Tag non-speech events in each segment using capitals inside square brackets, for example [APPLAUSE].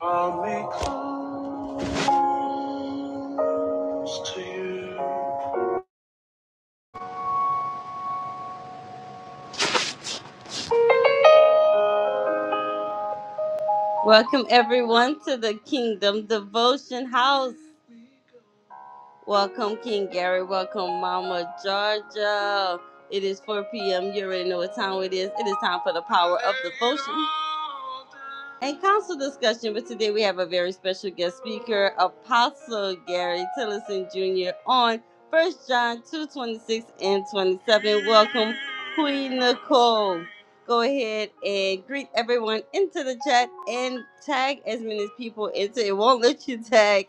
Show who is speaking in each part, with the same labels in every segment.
Speaker 1: I'll be close to you. Welcome everyone to the Kingdom Devotion House. Welcome, King Gary. Welcome, Mama Georgia. It is 4 p.m. You already know what time it is. It is time for the power of devotion and council discussion. But today we have a very special guest speaker, Apostle Gary Tillison Jr. on First John 2:26 and 27. Welcome, Queen Nicole go ahead and greet everyone into the chat and tag as many people into it. Won't let you tag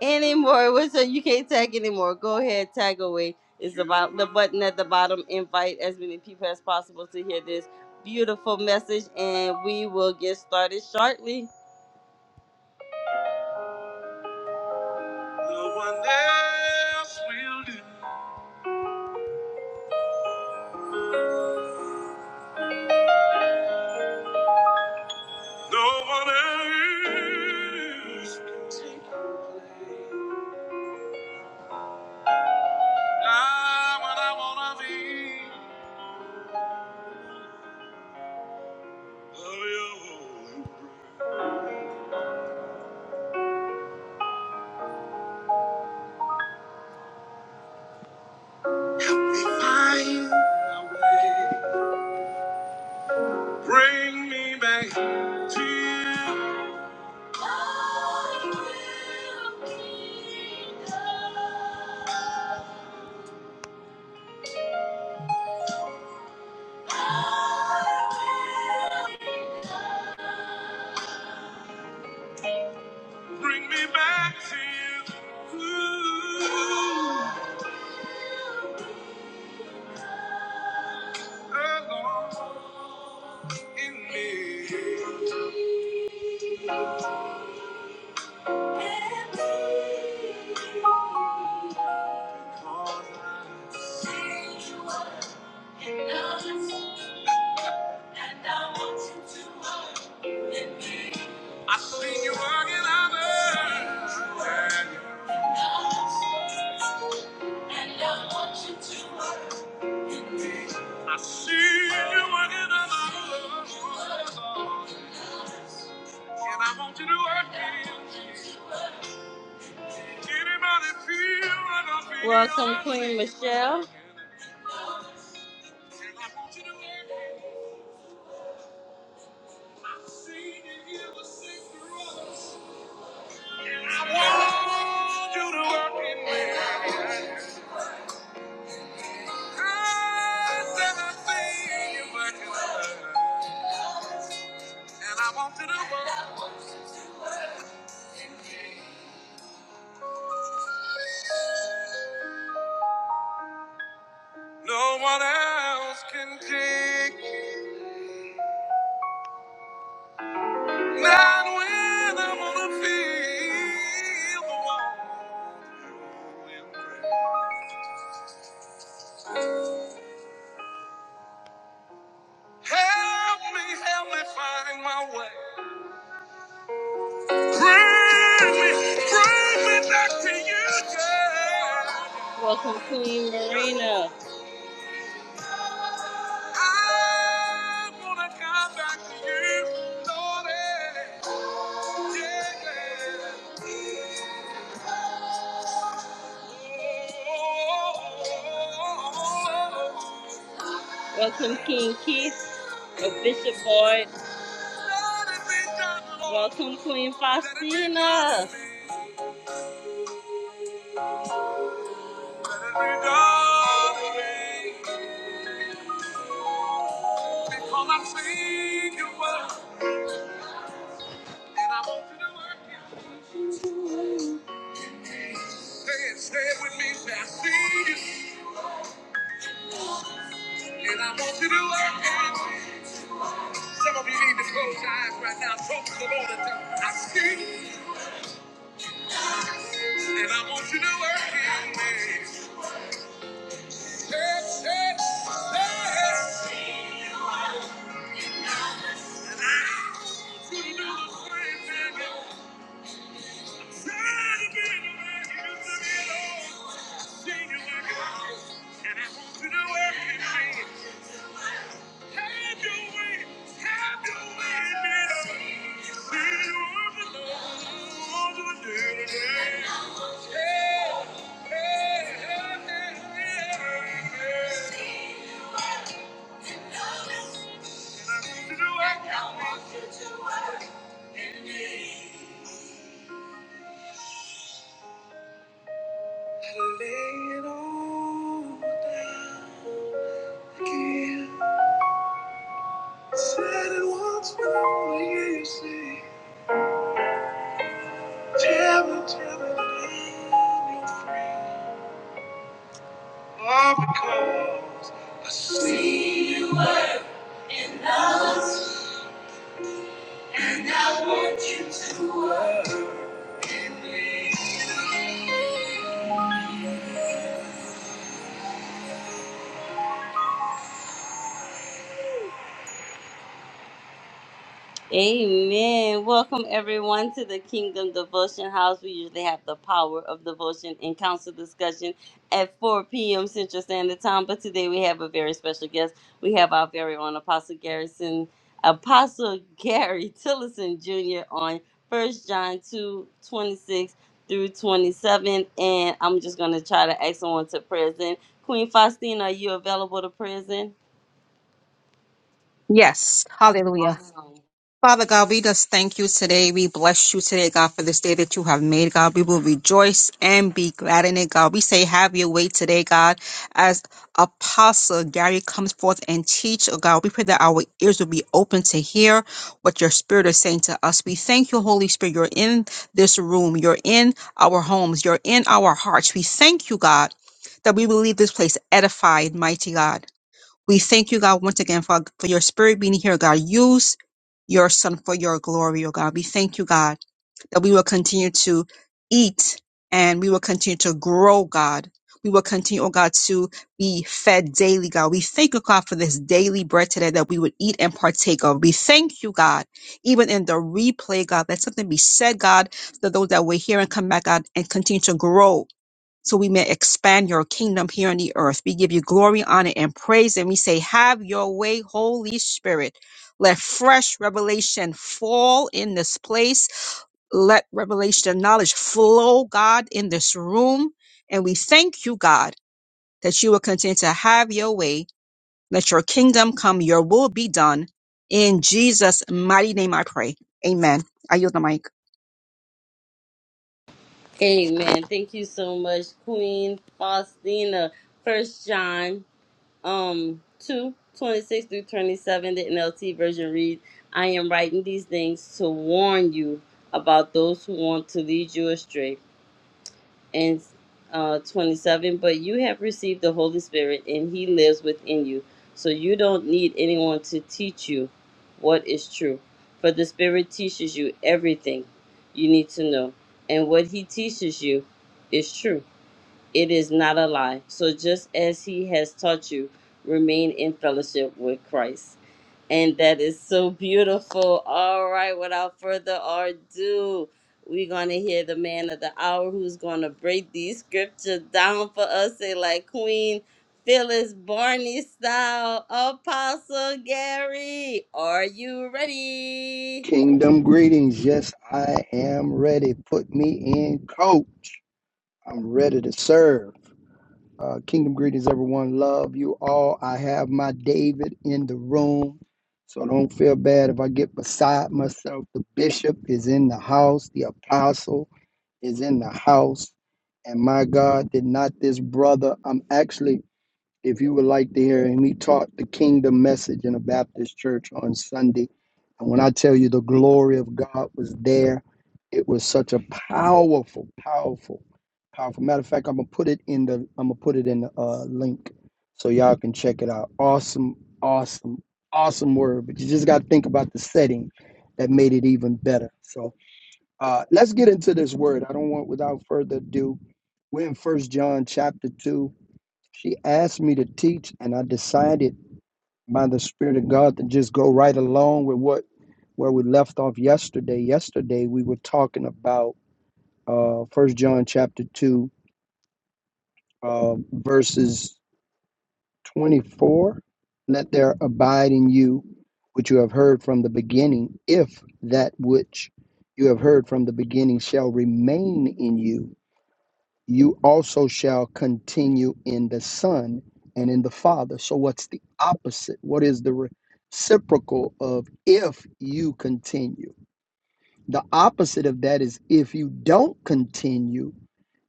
Speaker 1: anymore. What's You can't tag anymore. Go ahead, tag away. It's about the button at the bottom. Invite as many people as possible to hear this beautiful message, and we will get started shortly. No one else will do. No one else can take away. Now what I wanna be. Help me Find my way. Bring me back to you. I I will will be be loved. I will be loved. Bring me back to you. Ooh, alone in me. I seen you working others. And I want you to work. I see you working on others. And I want you to work Welcome, Queen Michelle. No one else can take not when I'm on the field. Help me, help me find my way. Bring me, bring me back to you, girl. Welcome, Queen Marina. I wanna come back to you, Lord. Yeah, yeah. Oh. Welcome, King Keith of Bishop Boyd. Welcome, Queen Faustina. Let it be done again. Because I've seen your work. And I want you to work it. Say it, say it with me. Say, I see you. And I want you to work it. Some of you need to close your eyes right now. Talk to the Lord and tell him, I see you. And I want you to work it. Say it, say it, say it. And I want you to do the same thing. Try to be the man you used to be, Lord. and I want you to work it out. Have your way, have your way, baby. See you work it out, do it today. Hey, hey, hey, hey, hey. And I want you to work I want you to work it out. I lay it all down again. Said it once, but I wanna hear you say. Tell me, tell me, girl, you're free. Oh, because I see Amen. Welcome everyone to the Kingdom Devotion House. We usually have the power of devotion and council discussion at 4 p.m. Central Standard Time, but today we have a very special guest. We have our very own Apostle Garrison, Apostle [LAUGHS] Gary Tillison Jr. on First John 2:26 through 27. And I'm just going to try to ask someone to present. Queen Faustina, are you available to present?
Speaker 2: Yes, hallelujah.
Speaker 1: Awesome.
Speaker 2: Father God, we just thank you today. We bless you today, God, for this day that you have made, God. We will rejoice and be glad in it, God. We say, have your way today, God. As Apostle Gary comes forth and teach, oh God, we pray that our ears will be open to hear what your spirit is saying to us. We thank you, Holy Spirit. You're in this room. You're in our homes. You're in our hearts. We thank you, God, that we will leave this place edified, mighty God. We thank you, God, once again for, for your spirit being here, God. Use your son for your glory, oh God. We thank you, God, that we will continue to eat and we will continue to grow, God. We will continue, oh God, to be fed daily, God. We thank you, God, for this daily bread today that we would eat and partake of. We thank you, God, even in the replay, God, that something be said, God, so that those that were here and come back, God, and continue to grow so we may expand your kingdom here on the earth. We give you glory, honor, and praise, and we say, Have your way, Holy Spirit. Let fresh revelation fall in this place. Let revelation and knowledge flow, God, in this room. And we thank you, God, that you will continue to have your way. Let your kingdom come, your will be done. In Jesus' mighty name I pray. Amen. I yield the mic.
Speaker 1: Amen. Thank you so much, Queen Faustina. First John um 2 26 through 27, the NLT version reads, I am writing these things to warn you about those who want to lead you astray and uh, 27 but you have received the holy spirit and he lives within you so you don't need anyone to teach you what is true for the spirit teaches you everything you need to know and what he teaches you is true it is not a lie so just as he has taught you remain in fellowship with christ and that is so beautiful. All right, without further ado, we're going to hear the man of the hour who's going to break these scriptures down for us. Say, like Queen Phyllis Barney style, Apostle Gary, are you ready?
Speaker 3: Kingdom greetings. Yes, I am ready. Put me in, coach. I'm ready to serve. Uh, kingdom greetings, everyone. Love you all. I have my David in the room. So don't feel bad if I get beside myself. The bishop is in the house, the apostle is in the house. And my God, did not this brother, I'm actually if you would like to hear him, he taught the kingdom message in a Baptist church on Sunday. And when I tell you the glory of God was there, it was such a powerful, powerful, powerful. Matter of fact, I'm gonna put it in the I'm gonna put it in the uh, link so y'all can check it out. Awesome, awesome, awesome word. But you just gotta think about the setting that made it even better. So uh, let's get into this word. I don't want without further ado. We're in First John chapter two she asked me to teach, and I decided by the Spirit of God to just go right along with what where we left off yesterday. Yesterday we were talking about uh First John chapter two, uh, verses twenty four. Let there abide in you which you have heard from the beginning. If that which you have heard from the beginning shall remain in you, you also shall continue in the Son and in the Father. So, what's the opposite? What is the reciprocal of if you continue? The opposite of that is if you don't continue,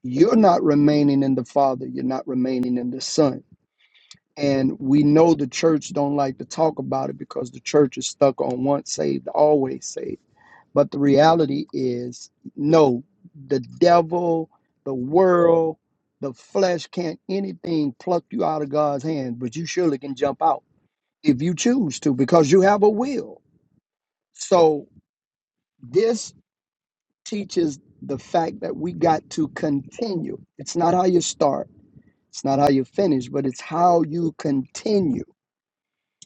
Speaker 3: you're not remaining in the Father, you're not remaining in the Son. And we know the church don't like to talk about it because the church is stuck on once saved, always saved but the reality is, no, the devil, the world, the flesh can't anything pluck you out of God's hand, but you surely can jump out if you choose to because you have a will. So this teaches the fact that we got to continue. It's not how you start, it's not how you finish, but it's how you continue.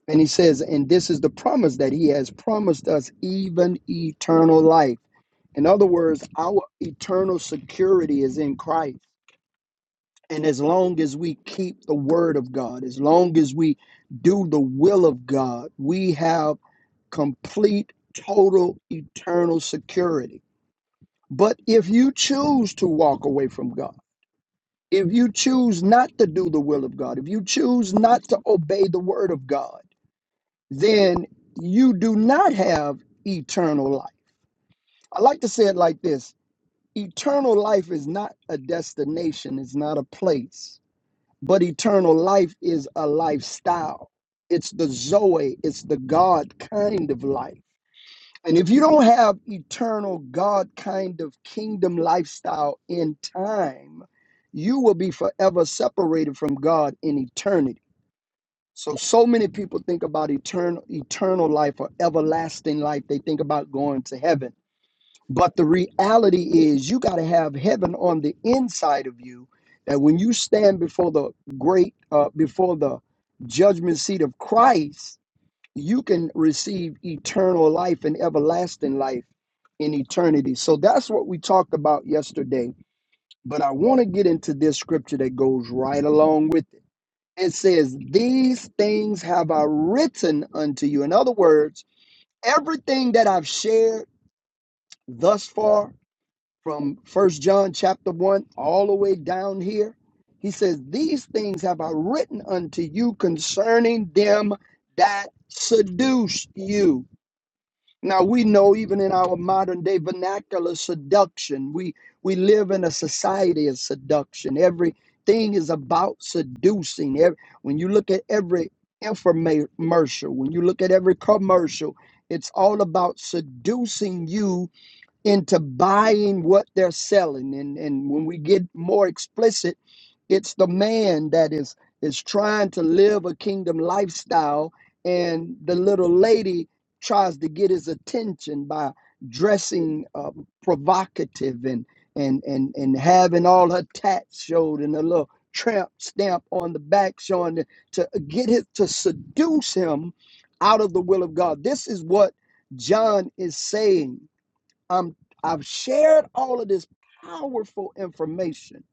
Speaker 3: And he says, and this is the promise that he has promised us, even eternal life. In other words, our eternal security is in Christ. And as long as we keep the word of God, as long as we do the will of God, we have complete, total, eternal security. But if you choose to walk away from God, if you choose not to do the will of God, if you choose not to obey the word of God, then you do not have eternal life. I like to say it like this eternal life is not a destination, it's not a place, but eternal life is a lifestyle. It's the Zoe, it's the God kind of life. And if you don't have eternal God kind of kingdom lifestyle in time, you will be forever separated from God in eternity. So so many people think about eternal eternal life or everlasting life. They think about going to heaven. But the reality is you got to have heaven on the inside of you that when you stand before the great uh, before the judgment seat of Christ, you can receive eternal life and everlasting life in eternity. So that's what we talked about yesterday, but I want to get into this scripture that goes right along with it and says, These things have I written unto you. In other words, everything that I've shared thus far from First John chapter 1 all the way down here, he says, These things have I written unto you concerning them that seduce you. Now we know even in our modern day vernacular seduction, we we live in a society of seduction. Everything is about seducing. Every, when you look at every infomercial, when you look at every commercial, it's all about seducing you into buying what they're selling. And, and when we get more explicit, it's the man that is is trying to live a kingdom lifestyle, and the little lady tries to get his attention by dressing uh, provocative and and and and having all her tats showed and a little tramp stamp on the back showing the, to get his to seduce him out of the will of God. This is what John is saying I'm I've shared all of this powerful information,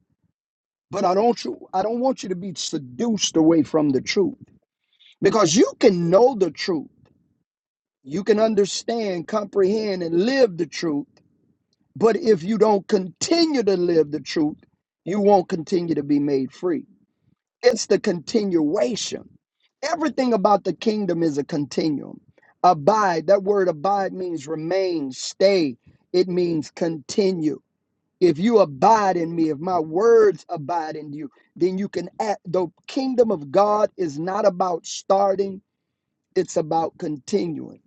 Speaker 3: but I don't you I don't want you to be seduced away from the truth because you can know the truth. You can understand, comprehend and live the truth, but if you don't continue to live the truth, you won't continue to be made free. It's the continuation. Everything about the kingdom is a continuum. Abide, that word abide means remain, stay. It means continue. If you abide in me, if my words abide in you, then you can act. The kingdom of God is not about starting, it's about continuing.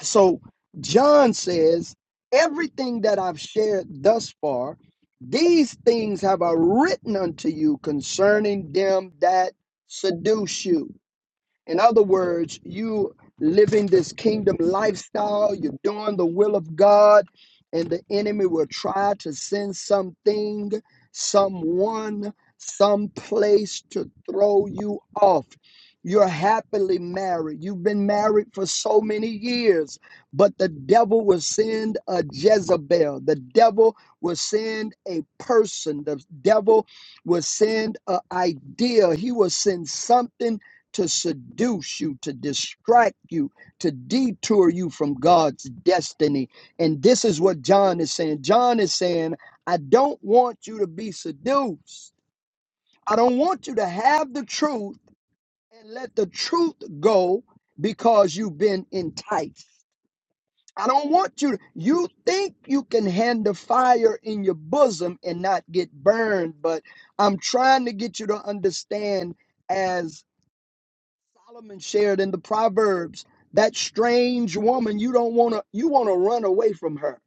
Speaker 3: So John says, Everything that I've shared thus far, these things have I written unto you concerning them that seduce you. In other words, you living this kingdom lifestyle, you're doing the will of God, and the enemy will try to send something, someone, some place to throw you off. You're happily married. You've been married for so many years, but the devil will send a Jezebel. The devil will send a person. The devil will send an idea. He will send something to seduce you, to distract you, to detour you from God's destiny. And this is what John is saying. John is saying, I don't want you to be seduced. I don't want you to have the truth and let the truth go because you've been enticed. I don't want you to. You think you can handle fire in your bosom and not get burned, but I'm trying to get you to understand. as." Solomon shared in the Proverbs, that strange woman, you don't want to you want to run away from her.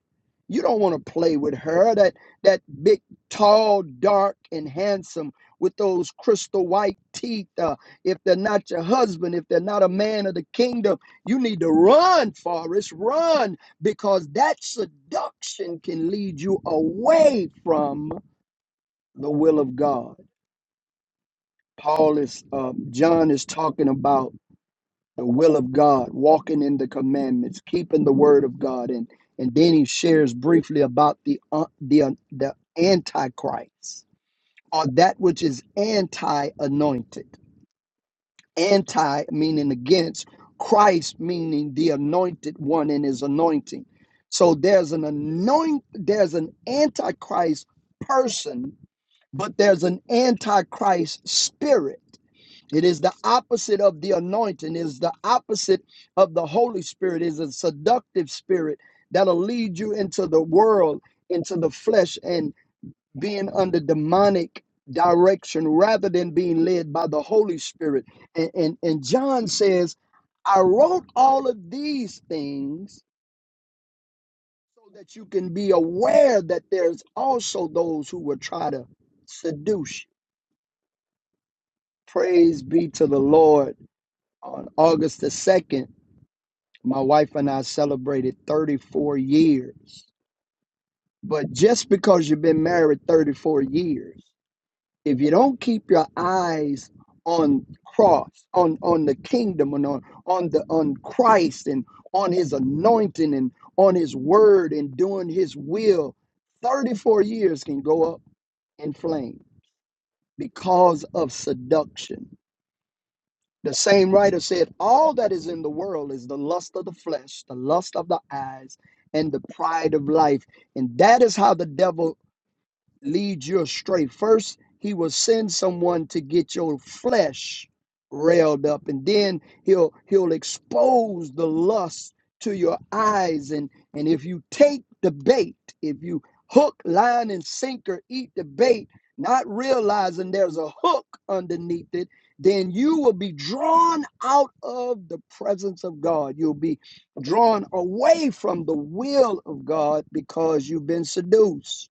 Speaker 3: You don't want to play with her. That that big, tall, dark, and handsome with those crystal white teeth. Uh, if they're not your husband, if they're not a man of the kingdom, you need to run, Forrest, run, because that seduction can lead you away from the will of God. Paul is um, John is talking about the will of God, walking in the commandments, keeping the word of God, and and then he shares briefly about the uh, the uh, the antichrist or that which is anti-anointed. Anti meaning against, Christ meaning the anointed one and his anointing. So there's an anoint, there's an antichrist person, but there's an antichrist spirit it is the opposite of the anointing, it is the opposite of the Holy Spirit, it is a seductive spirit that'll lead you into the world, into the flesh, and being under demonic direction rather than being led by the Holy Spirit. And, and, and John says, I wrote all of these things so that you can be aware that there's also those who will try to seduce you. Praise be to the Lord on August the 2nd. My wife and I celebrated 34 years. But just because you've been married 34 years, if you don't keep your eyes on cross, on, on the kingdom and on, on the on Christ and on his anointing and on his word and doing his will, 34 years can go up in flame because of seduction The same writer said, All that is in the world is the lust of the flesh, the lust of the eyes, and the pride of life. And that is how the devil lead you astray. First, he will send someone to get your flesh railed up, and then he'll he'll expose the lust to your eyes. And and if you take the bait, if you hook, line, and sinker, eat the bait, not realizing there's a hook underneath it, then you will be drawn out of the presence of God. You'll be drawn away from the will of God because you've been seduced.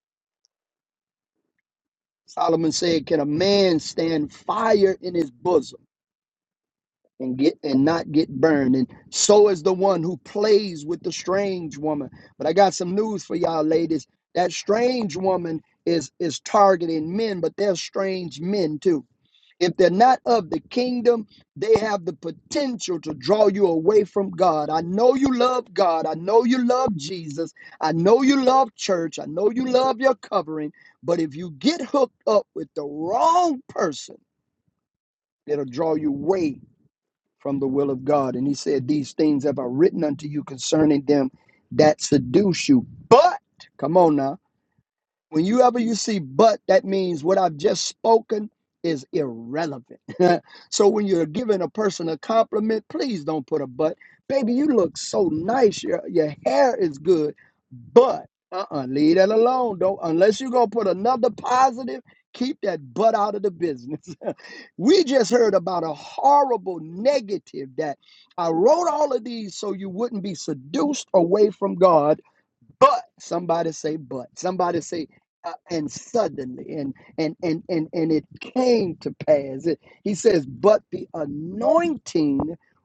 Speaker 3: Solomon said, Can a man stand fire in his bosom and get and not get burned? And so is the one who plays with the strange woman. But I got some news for y'all ladies. That strange woman is is targeting men, but they're strange men too. If they're not of the kingdom, they have the potential to draw you away from God. I know you love God. I know you love Jesus. I know you love church. I know you love your covering. But if you get hooked up with the wrong person, it'll draw you away from the will of God. And he said, These things have I written unto you concerning them that seduce you. But, come on now. When you ever you see but, that means what I've just spoken is irrelevant. [LAUGHS] so when you're giving a person a compliment, please don't put a but. Baby, you look so nice. Your your hair is good, but uh-uh, leave that alone. Don't unless you're gonna put another positive. Keep that butt out of the business. [LAUGHS] we just heard about a horrible negative that I wrote all of these so you wouldn't be seduced away from God but somebody say but somebody say uh, and suddenly and and and and and it came to pass it, he says but the anointing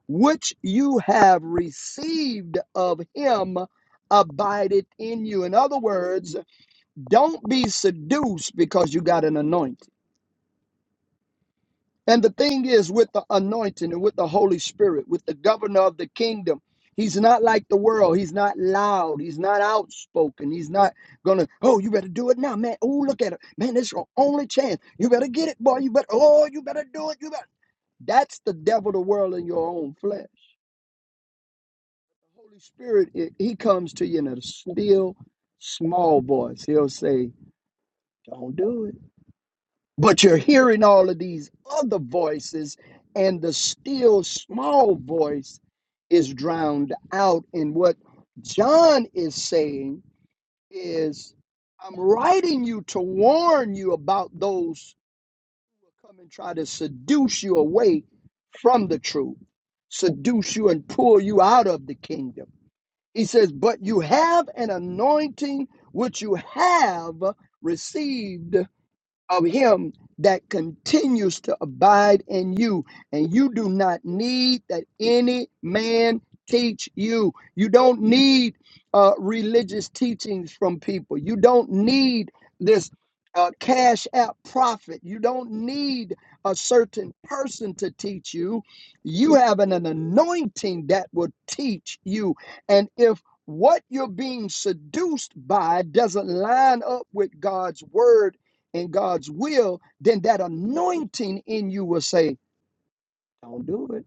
Speaker 3: which you have received of him abided in you in other words don't be seduced because you got an anointing and the thing is, with the anointing and with the Holy Spirit, with the governor of the kingdom, he's not like the world. He's not loud. He's not outspoken. He's not gonna, oh, you better do it now, man. Oh, look at it. Man, this is your only chance. You better get it, boy. You better, oh, you better do it. You better. That's the devil, the world, and your own flesh. The Holy Spirit, it, he comes to you in a still, small voice. He'll say, don't do it But you're hearing all of these other voices, and the still small voice is drowned out. And what John is saying is, I'm writing you to warn you about those who will come and try to seduce you away from the truth, seduce you and pull you out of the kingdom. He says, But you have an anointing which you have received of him that continues to abide in you. And you do not need that any man teach you. You don't need uh, religious teachings from people. You don't need this uh, cash app prophet. You don't need a certain person to teach you. You have an, an anointing that will teach you. And if what you're being seduced by doesn't line up with God's word, in God's will, then that anointing in you will say, Don't do it.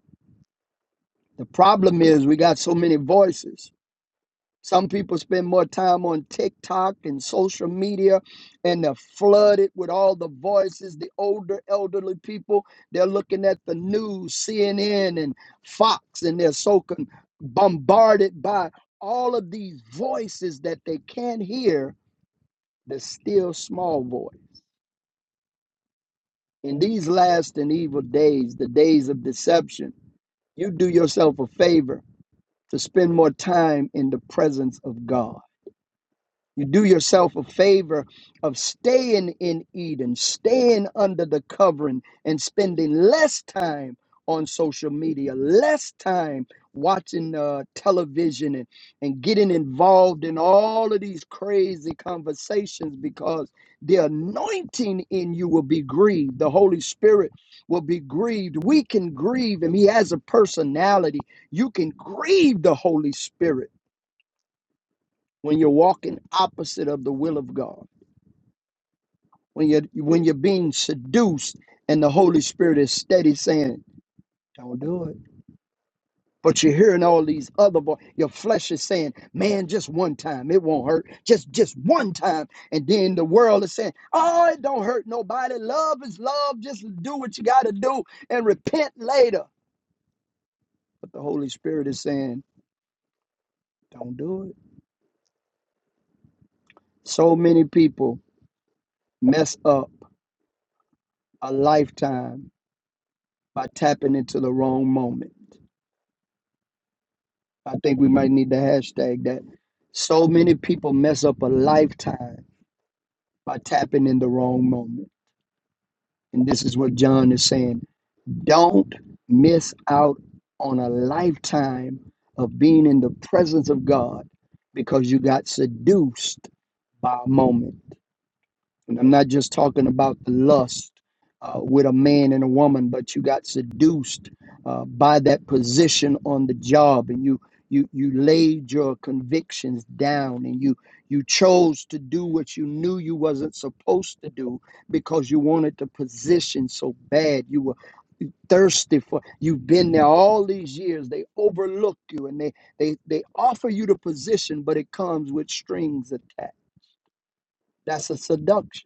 Speaker 3: The problem is we got so many voices. Some people spend more time on TikTok and social media, and they're flooded with all the voices. The older, elderly people, they're looking at the news, CNN and Fox, and they're so con- bombarded by all of these voices that they can't hear the still small voice. In these last and evil days, the days of deception, you do yourself a favor to spend more time in the presence of God. You do yourself a favor of staying in Eden, staying under the covering, and spending less time on social media, less time watching uh, television, and, and getting involved in all of these crazy conversations because the anointing in you will be grieved. The Holy Spirit will be grieved. We can grieve Him, He has a personality. You can grieve the Holy Spirit when you're walking opposite of the will of God. when you're when you're being seduced and the Holy Spirit is steady saying, Don't do it. But you're hearing all these other voices. Your flesh is saying, Man, just one time, it won't hurt. Just just one time. And then the world is saying, Oh, it don't hurt nobody. Love is love. Just do what you gotta do and repent later. But the Holy Spirit is saying, Don't do it. So many people mess up a lifetime by tapping into the wrong moment. I think we might need to hashtag that. So many people mess up a lifetime by tapping in the wrong moment. And this is what John is saying. Don't miss out on a lifetime of being in the presence of God because you got seduced by a moment. And I'm not just talking about the lust uh, with a man and a woman, but you got seduced uh, by that position on the job, and you you you laid your convictions down, and you you chose to do what you knew you wasn't supposed to do because you wanted the position so bad. You were thirsty for you've been there all these years they overlook you and they they they offer you the position but it comes with strings attached that's a seduction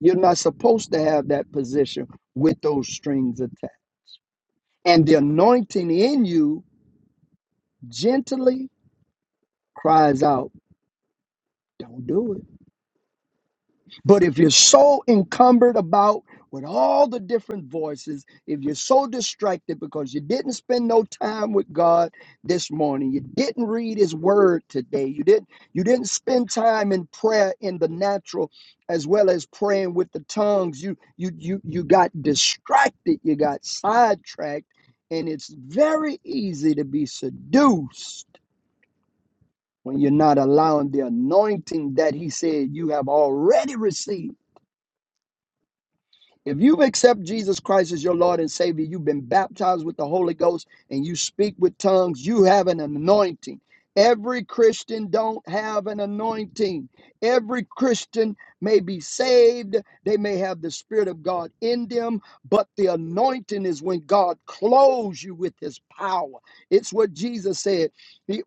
Speaker 3: You're not supposed to have that position with those strings attached. And the anointing in you gently cries out, Don't do it. But if you're so encumbered about with all the different voices, if you're so distracted because you didn't spend no time with God this morning, you didn't read his word today, you didn't you didn't spend time in prayer in the natural as well as praying with the tongues, you you you you got distracted, you got sidetracked, and it's very easy to be seduced when you're not allowing the anointing that he said you have already received If you accept Jesus Christ as your Lord and Savior, you've been baptized with the Holy Ghost and you speak with tongues, you have an anointing. Every Christian don't have an anointing. Every Christian may be saved, they may have the spirit of God in them, but the anointing is when God clothes you with his power. It's what Jesus said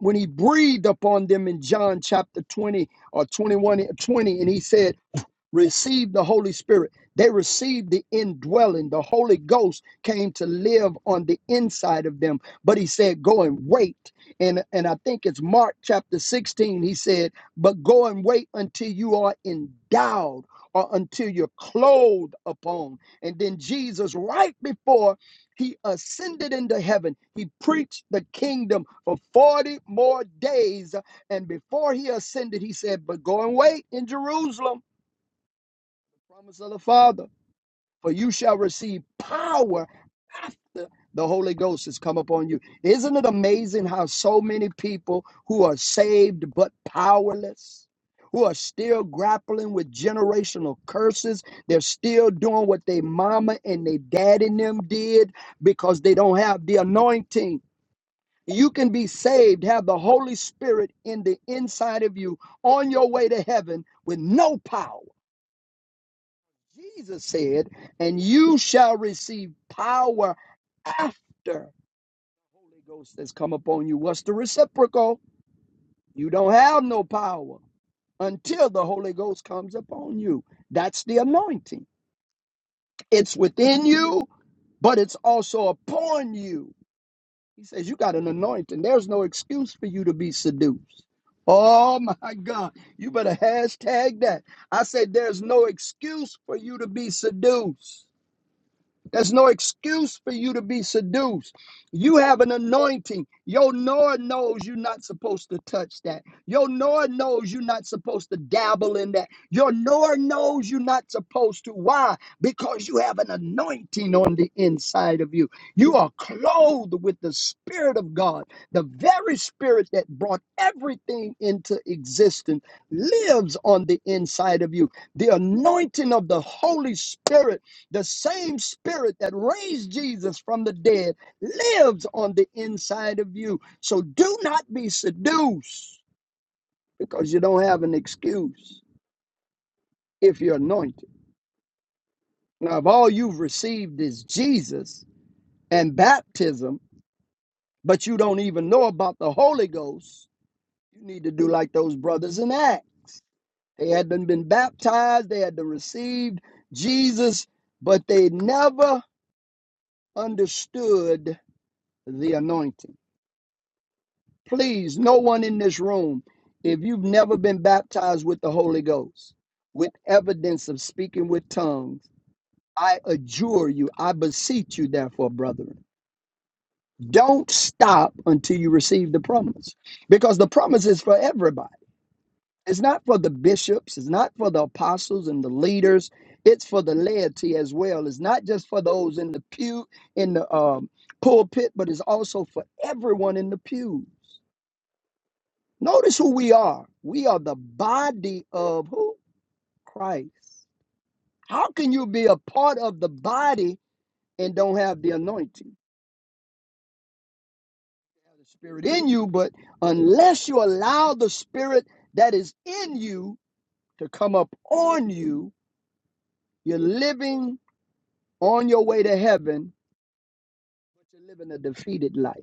Speaker 3: when he breathed upon them in John chapter 20 or 21 20, and he said received the Holy Spirit. They received the indwelling. The Holy Ghost came to live on the inside of them. But he said, Go and wait. And, and I think it's Mark chapter 16. He said, But go and wait until you are endowed or until you're clothed upon. And then Jesus, right before he ascended into heaven, he preached the kingdom for 40 more days. And before he ascended, he said, But go and wait in Jerusalem promise of the Father. For you shall receive power after the Holy Ghost has come upon you. Isn't it amazing how so many people who are saved but powerless, who are still grappling with generational curses, they're still doing what they mama and they daddy and them did because they don't have the anointing. You can be saved, have the Holy Spirit in the inside of you on your way to heaven with no power. Jesus said, and you shall receive power after the Holy Ghost has come upon you. What's the reciprocal? You don't have no power until the Holy Ghost comes upon you. That's the anointing. It's within you, but it's also upon you. He says, You got an anointing. There's no excuse for you to be seduced. Oh my God. You better hashtag that. I said, There's no excuse for you to be seduced. There's no excuse for you to be seduced. You have an anointing. Your Lord knows you're not supposed to touch that. Your Lord knows you're not supposed to dabble in that. Your Lord knows you're not supposed to. Why? Because you have an anointing on the inside of you. You are clothed with the Spirit of God. The very Spirit that brought everything into existence lives on the inside of you. The anointing of the Holy Spirit the same spirit that raised Jesus from the dead lives on the inside of you. So do not be seduced because you don't have an excuse if you're anointed. Now, if all you've received is Jesus and baptism, but you don't even know about the Holy Ghost, you need to do like those brothers in Acts. They had been, been baptized, they had received Jesus, but they never understood the anointing. please, no one in this room, if you've never been baptized with the Holy Ghost, with evidence of speaking with tongues, I adjure you, I beseech you, therefore, brethren, don't stop until you receive the promise. Because the promise is for everybody. It's not for the bishops, it's not for the apostles and the leaders, it's for the laity as well. It's not just for those in the pew, in the um, pulpit, but it's also for everyone in the pews. Notice who we are. We are the body of who? Christ. How can you be a part of the body and don't have the anointing? You have the spirit in you, but unless you allow the spirit that is in you to come up on you, you're living on your way to heaven, but you're living a defeated life.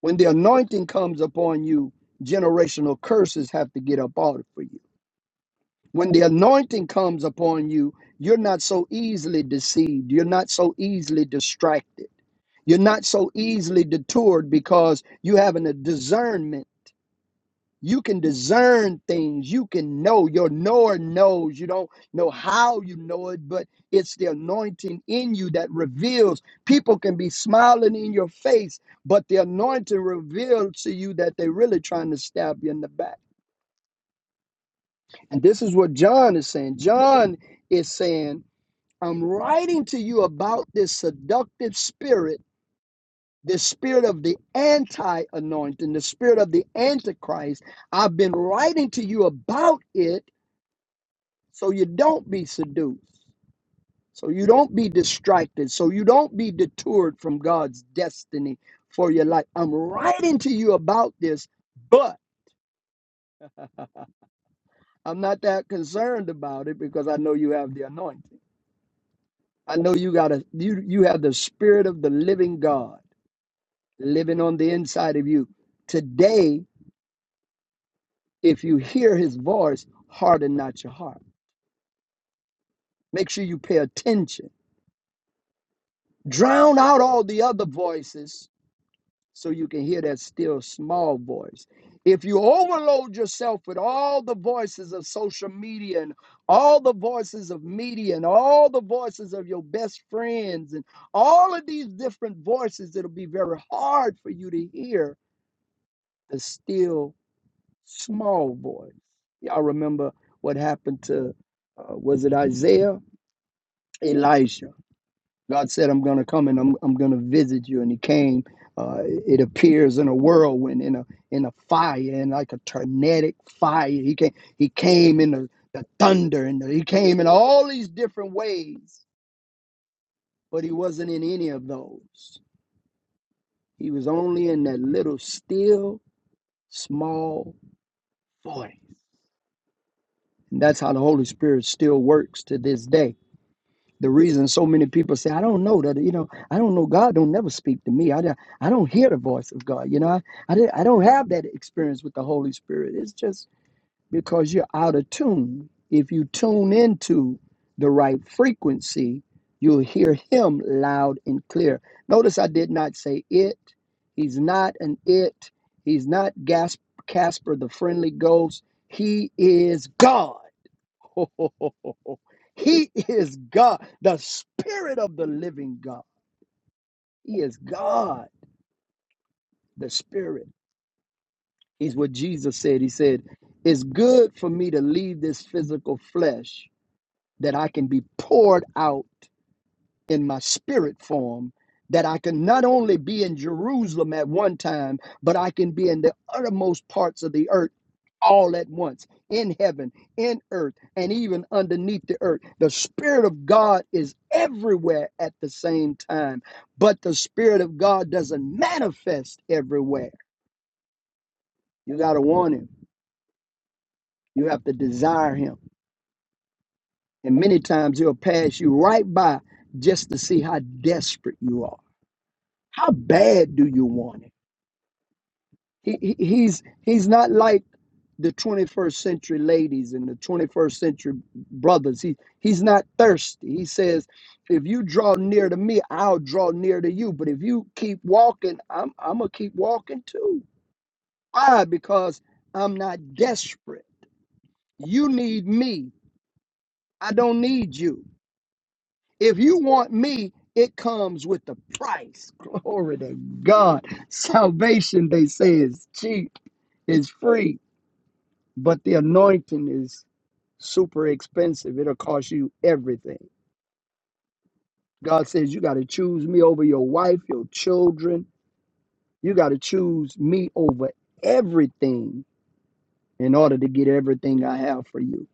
Speaker 3: When the anointing comes upon you, generational curses have to get up out for you. When the anointing comes upon you, you're not so easily deceived. You're not so easily distracted. You're not so easily detoured because you have a discernment. You can discern things. You can know. Your knower knows. You don't know how you know it, but it's the anointing in you that reveals. People can be smiling in your face, but the anointing reveals to you that they're really trying to stab you in the back. And this is what John is saying. John is saying I'm writing to you about this seductive spirit, the spirit of the anti anointing, the spirit of the antichrist. I've been writing to you about it so you don't be seduced, so you don't be distracted, so you don't be detoured from God's destiny for your life. I'm writing to you about this, but I'm not that concerned about it because I know you have the anointing. I know you got a you you have the spirit of the living God. living on the inside of you. Today, if you hear his voice, harden not your heart. Make sure you pay attention. Drown out all the other voices so you can hear that still small voice. If you overload yourself with all the voices of social media and all the voices of media and all the voices of your best friends and all of these different voices, it'll be very hard for you to hear the still small boys. Y'all remember what happened to, uh, was it Isaiah? Elijah. God said, I'm going to come and I'm, I'm going to visit you. And he came. Uh, it appears in a whirlwind, in a in a fire, in like a tornadic fire. He came, he came in the, the thunder and he came in all these different ways, but he wasn't in any of those. He was only in that little still small voice. And that's how the Holy Spirit still works to this day the reason so many people say i don't know that you know i don't know god don't never speak to me i, don't- I don't hear the voice of god you know I, I, didn't, I don't have that experience with the holy spirit it's just because you're out of tune if you tune into the right frequency you'll hear him loud and clear notice i did not say it he's not an it he's not Gas- casper the friendly ghost he is god [LAUGHS] He is God, the Spirit of the living God. He is God, the Spirit. He's what Jesus said. He said, It's good for me to leave this physical flesh that I can be poured out in my spirit form that I can not only be in Jerusalem at one time, but I can be in the uttermost parts of the earth all at once in heaven, in earth, and even underneath the earth. The Spirit of God is everywhere at the same time, but the Spirit of God doesn't manifest everywhere. You got to want Him, you have to desire Him. And many times He'll pass you right by just to see how desperate you are. How bad do you want Him? He, he, he's he's not like the 21st century ladies and the 21st century brothers. He he's not thirsty. He says, "If you draw near to me, I'll draw near to you. But if you keep walking, I'm I'm gonna keep walking too. Why? Because I'm not desperate. You need me. I don't need you. If you want me." It comes with the price. [LAUGHS] Glory to God. Salvation, they say, is cheap, is free. but the anointing is super expensive. It'll cost you everything. God says, You got to choose me over your wife, your children. You got to choose me over everything in order to get everything I have for you.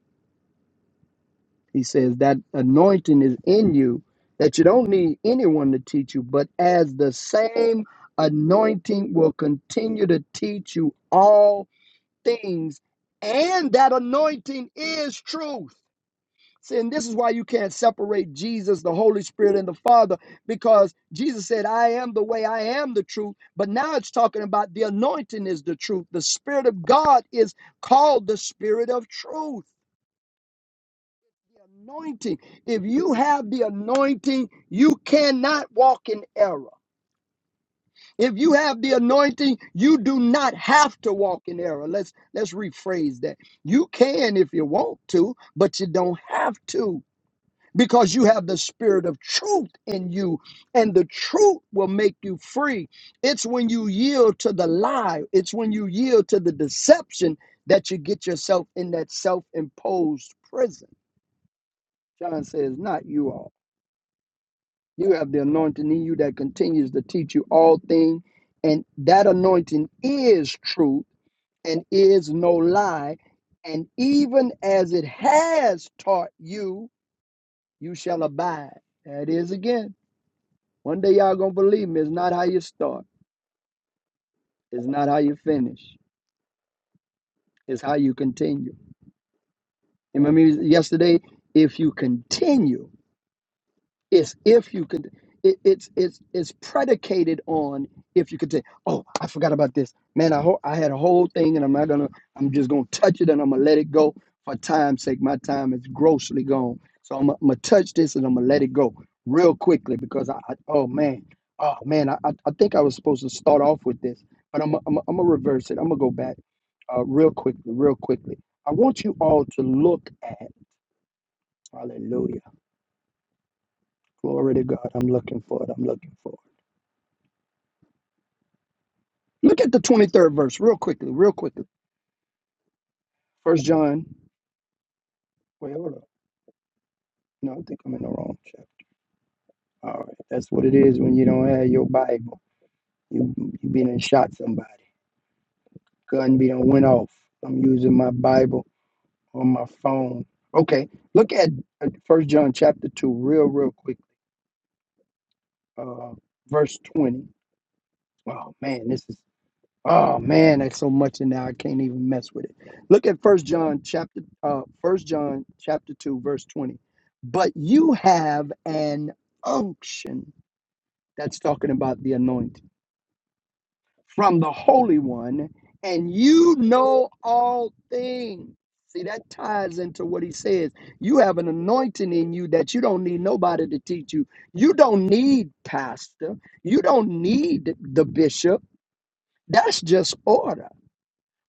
Speaker 3: He says, That anointing is in you that you don't need anyone to teach you, but as the same anointing will continue to teach you all things, and that anointing is truth. See, and this is why you can't separate Jesus, the Holy Spirit, and the Father, because Jesus said, I am the way, I am the truth. But now it's talking about the anointing is the truth. The Spirit of God is called the Spirit of truth. The Anointing. If you have the anointing, you cannot walk in error. If you have the anointing, you do not have to walk in error. Let's let's rephrase that. You can if you want to, but you don't have to. because you have the spirit of truth in you, and the truth will make you free. It's when you yield to the lie, it's when you yield to the deception that you get yourself in that self imposed prison. John says, Not you all. You have the anointing in you that continues to teach you all things, and that anointing is truth and is no lie. And even as it has taught you, you shall abide. That is again. One day y'all gonna believe me. It's not how you start. It's not how you finish. It's how you continue. You remember me yesterday? If you continue. It's if you could. It, it's it's it's predicated on if you could say, "Oh, I forgot about this, man. I ho- I had a whole thing, and I'm not gonna. I'm just gonna touch it, and I'm gonna let it go for time's sake. My time is grossly gone, so I'm, gonna touch this, and I'm gonna let it go real quickly because I, I oh man, oh man, I I I think I was supposed to start off with this, but I'm I'm I'm gonna reverse it. I'm gonna go back, uh, real quickly, real quickly. I want you all to look at Hallelujah, glory to God. I'm looking for it. I'm looking for it. Look at the 23rd verse real quickly, real quickly. First John. Wait, hold up. No, I think I'm in the wrong chapter. All right. That's what it is when you don't have your Bible. You you been and shot somebody. Gun be done went off. I'm using my Bible on my phone. Okay. Look at First John chapter two real, real quick. Uh verse 20. Oh man, this is Oh man, that's so much in there. I can't even mess with it. Look at First John chapter uh First John chapter 2 verse 20. But you have an unction that's talking about the anointing from the Holy One, and you know all things. See, that ties into what he says. You have an anointing in you that you don't need nobody to teach you. You don't need pastor. You don't need the bishop. That's just order.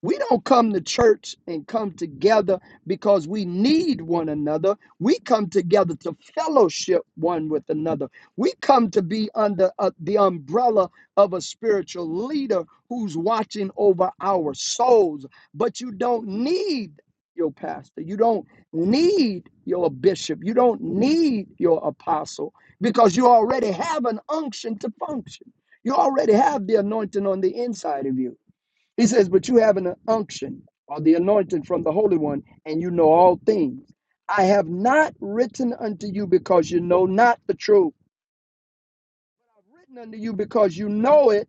Speaker 3: We don't come to church and come together because we need one another. We come together to fellowship one with another. We come to be under uh, the umbrella of a spiritual leader who's watching over our souls. But you don't need your pastor. You don't need your bishop. You don't need your apostle because you already have an unction to function. You already have the anointing on the inside of you. He says, But you have an unction or the anointing from the Holy One, and you know all things. I have not written unto you because you know not the truth. I've written unto you because you know it,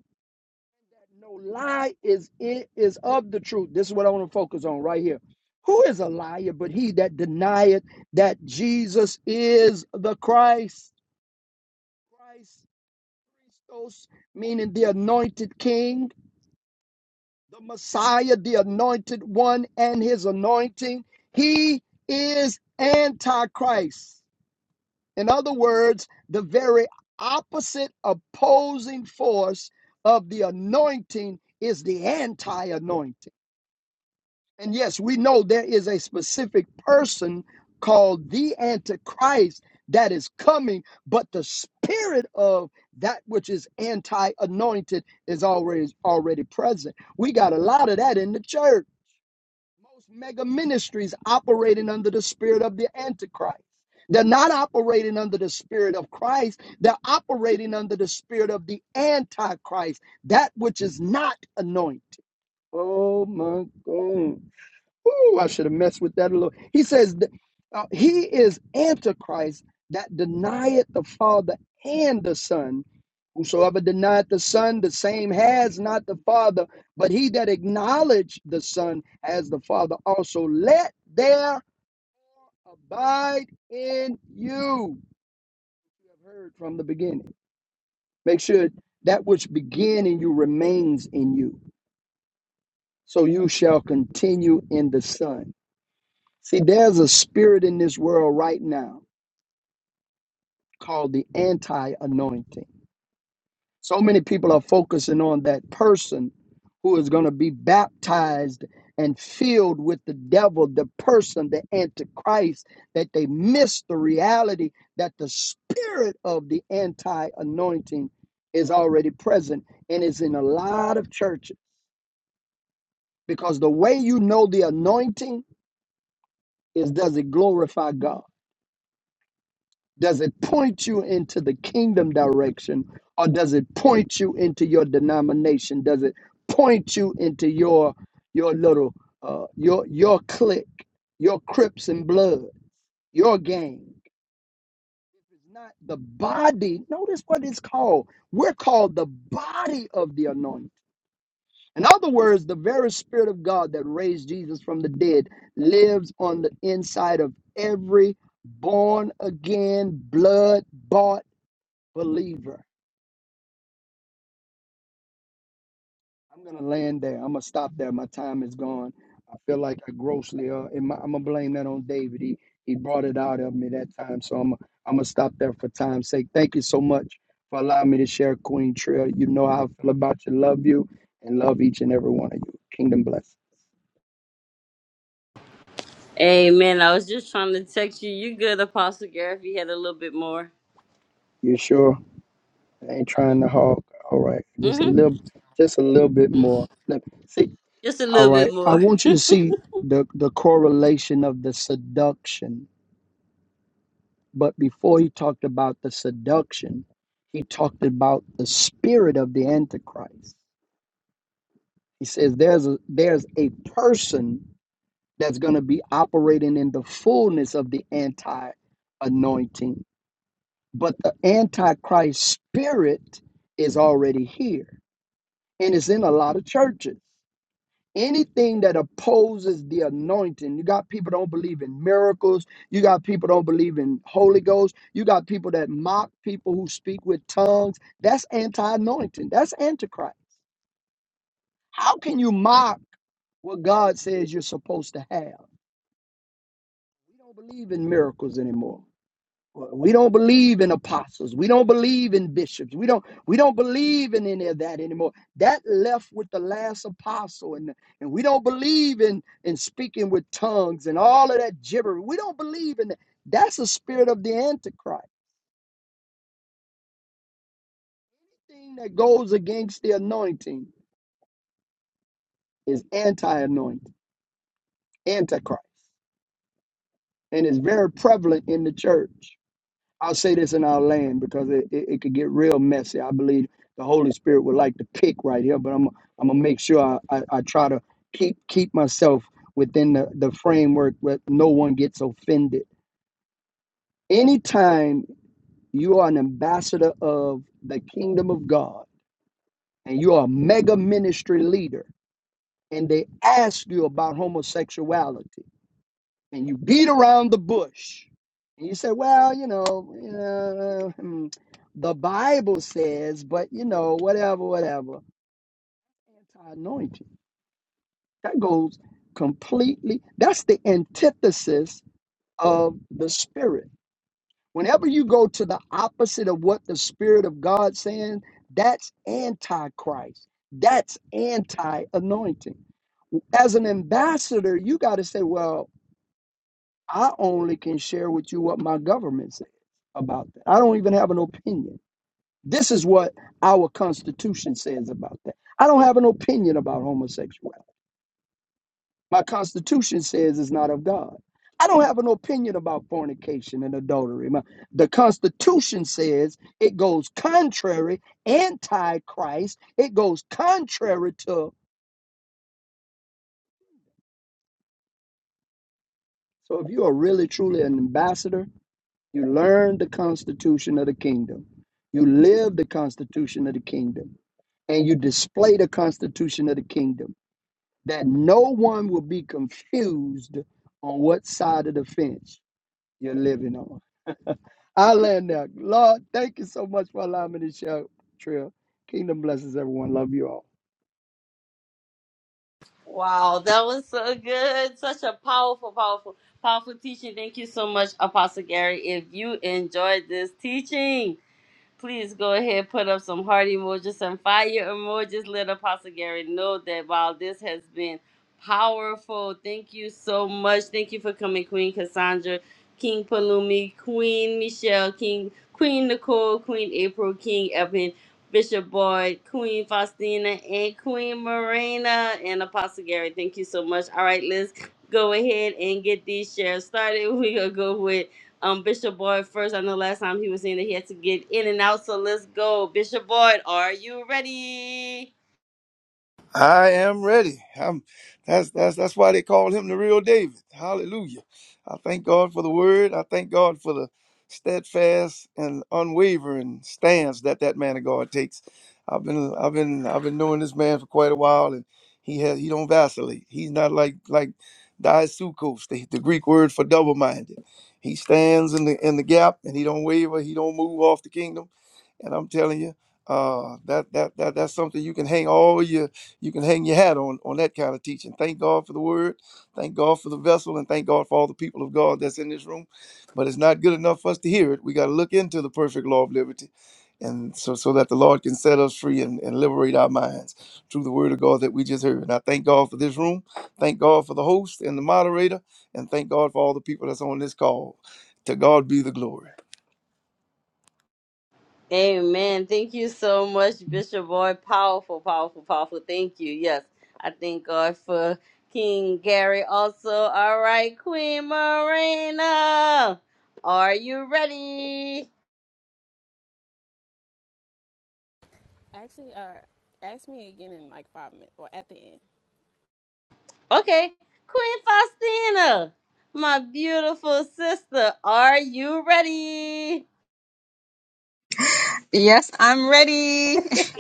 Speaker 3: that no lie is it is of the truth. This is what I want to focus on right here. Who is a liar but he that denieth that Jesus is the Christ? Christ, Christos, meaning the anointed king the Messiah, the anointed one, and his anointing. He is Antichrist. In other words, the very opposite opposing force of the anointing is the anti anointing. And yes, we know there is a specific person called the Antichrist that is coming, but the spirit of that which is anti anointed is already already present. We got a lot of that in the church. Most mega ministries operating under the spirit of the Antichrist. They're not operating under the spirit of Christ. They're operating under the spirit of the Antichrist, that which is not anointed. Oh my God. Ooh, I should have messed with that a little. He says that, uh, he is Antichrist that denieth the Father and the Son. Whosoever denieth the Son, the same has not the Father. But he that acknowledged the Son as the Father also let there abide in you. You have heard from the beginning. Make sure that which began in you remains in you. So you shall continue in the Son. See, there's a spirit in this world right now called the anti anointing. So many people are focusing on that person who is going to be baptized and filled with the devil, the person, the antichrist, that they miss the reality that the spirit of the anti anointing is already present and is in a lot of churches. Because the way you know the anointing is does it glorify God? Does it point you into the kingdom direction or does it point you into your denomination? Does it point you into your your little uh your your clique, your Crips and blood, your gang? If it's not the body, notice what it's called. We're called the body of the anointing. In other words, the very spirit of God that raised Jesus from the dead lives on the inside of every born again, blood bought believer. I'm gonna land there. I'm gonna stop there. My time is gone. I feel like I grossly, uh, and my, I'm gonna blame that on David. He he brought it out of me that time, so I'm I'm gonna stop there for time's sake. Thank you so much for allowing me to share, Queen Trail. You know how I feel about you. Love you and love each and every one of you. Kingdom bless.
Speaker 1: Amen. I was just trying to text you. You good, Apostle Gary, if you had a little bit more.
Speaker 3: You sure? I ain't trying to hog. All right, just a
Speaker 1: Mm-hmm.
Speaker 3: little, just a little bit more. Let see.
Speaker 1: Just a
Speaker 3: All
Speaker 1: little
Speaker 3: right,
Speaker 1: bit
Speaker 3: I
Speaker 1: more.
Speaker 3: want you to see the the correlation of the seduction But before he talked about the seduction, he talked about the spirit of the Antichrist. He says there's a, there's a person that's going to be operating in the fullness of the anti anointing, but the Antichrist spirit is already here and it's in a lot of churches. anything that opposes the anointing you got people don't believe in miracles you got people don't believe in holy ghost you got people that mock people who speak with tongues that's anti-anointing that's antichrist how can you mock what god says you're supposed to have we don't believe in miracles anymore We don't believe in apostles. We don't believe in bishops. We don't we don't believe in any of that anymore. That left with the last apostle and and we don't believe in in speaking with tongues and all of that gibber. We don't believe in that. That's the spirit of the antichrist. The Thing that goes against the anointing is anti-anointing, antichrist, and it's very prevalent in the church. I'll say this in our land because it, it, it could get real messy. I believe the Holy Spirit would like to pick right here, but I'm I'm gonna make sure I, I, I try to keep keep myself within the, the framework where no one gets offended. Anytime you are an ambassador of the kingdom of God and you are a mega ministry leader and they ask you about homosexuality, and you beat around the bush and you say well you know uh, hmm, the bible says but you know whatever whatever anti-anointing that goes completely that's the antithesis of the spirit whenever you go to the opposite of what the spirit of god saying that's anti Christ. that's anti-anointing as an ambassador you got to say well I only can share with you what my government says about that. I don't even have an opinion. This is what our Constitution says about that. I don't have an opinion about homosexuality. My Constitution says it's not of God. I don't have an opinion about fornication and adultery. My- the Constitution says it goes contrary, anti Christ. It goes contrary to. So if you are really, truly an ambassador, You learn the constitution of the kingdom. You live the constitution of the kingdom. And you display the constitution of the kingdom that no one will be confused on what side of the fence you're living on. I land there. Lord, thank you so much for allowing me to share, Trill. Kingdom blesses everyone. Love you all.
Speaker 1: Wow, that was so good. Such a powerful, powerful, powerful teaching. Thank you so much, Apostle Gary. If you enjoyed this teaching, Please go ahead, put up some heart emojis, some fire emojis. Let Apostle Gary know that while this has been powerful, thank you so much. Thank you for coming, Queen Cassandra, King Palumi, Queen Michelle, King Queen Nicole, Queen April, King Evan, Bishop Boyd, Queen Faustina, and Queen Marina, and Apostle Gary. Thank you so much. All right, let's go ahead and get these shares started. [LAUGHS] We're going to go with. Um, Bishop Boyd first. I know last time he was saying that he had to get in and out, so let's go. Bishop Boyd, are you ready?
Speaker 4: I am ready. I'm that's that's that's why they call him the real David. Hallelujah. I thank God for the word. I thank God for the steadfast and unwavering stance that that man of God takes. I've been I've been I've been knowing this man for quite a while and he has he don't vacillate. He's not like like Diasukos, the, the Greek word for double-minded. He stands in the in the gap and he don't waver, he don't move off the kingdom and I'm telling you, uh, that that that that's something you can hang all your you can hang your hat on on that kind of teaching. Thank God for the word, thank God for the vessel, and thank God for all the people of God that's in this room. But it's not good enough for us to hear it. We got to look into the perfect law of liberty, and so so that the Lord can set us free and, and liberate our minds through the word of God that we just heard. And I thank God for this room, thank God for the host and the moderator, and thank God for all the people that's on this call. To God be the glory.
Speaker 1: Amen. Thank you so much, Bishop Boyd. Powerful, powerful, powerful. Thank you. Yes, I thank God for King Gary also. All right, Queen Marina, are you ready?
Speaker 5: Actually, uh, ask me again in like five minutes or at the end.
Speaker 1: Okay, Queen Faustina, my beautiful sister, are you ready?
Speaker 2: Yes, I'm ready. [LAUGHS]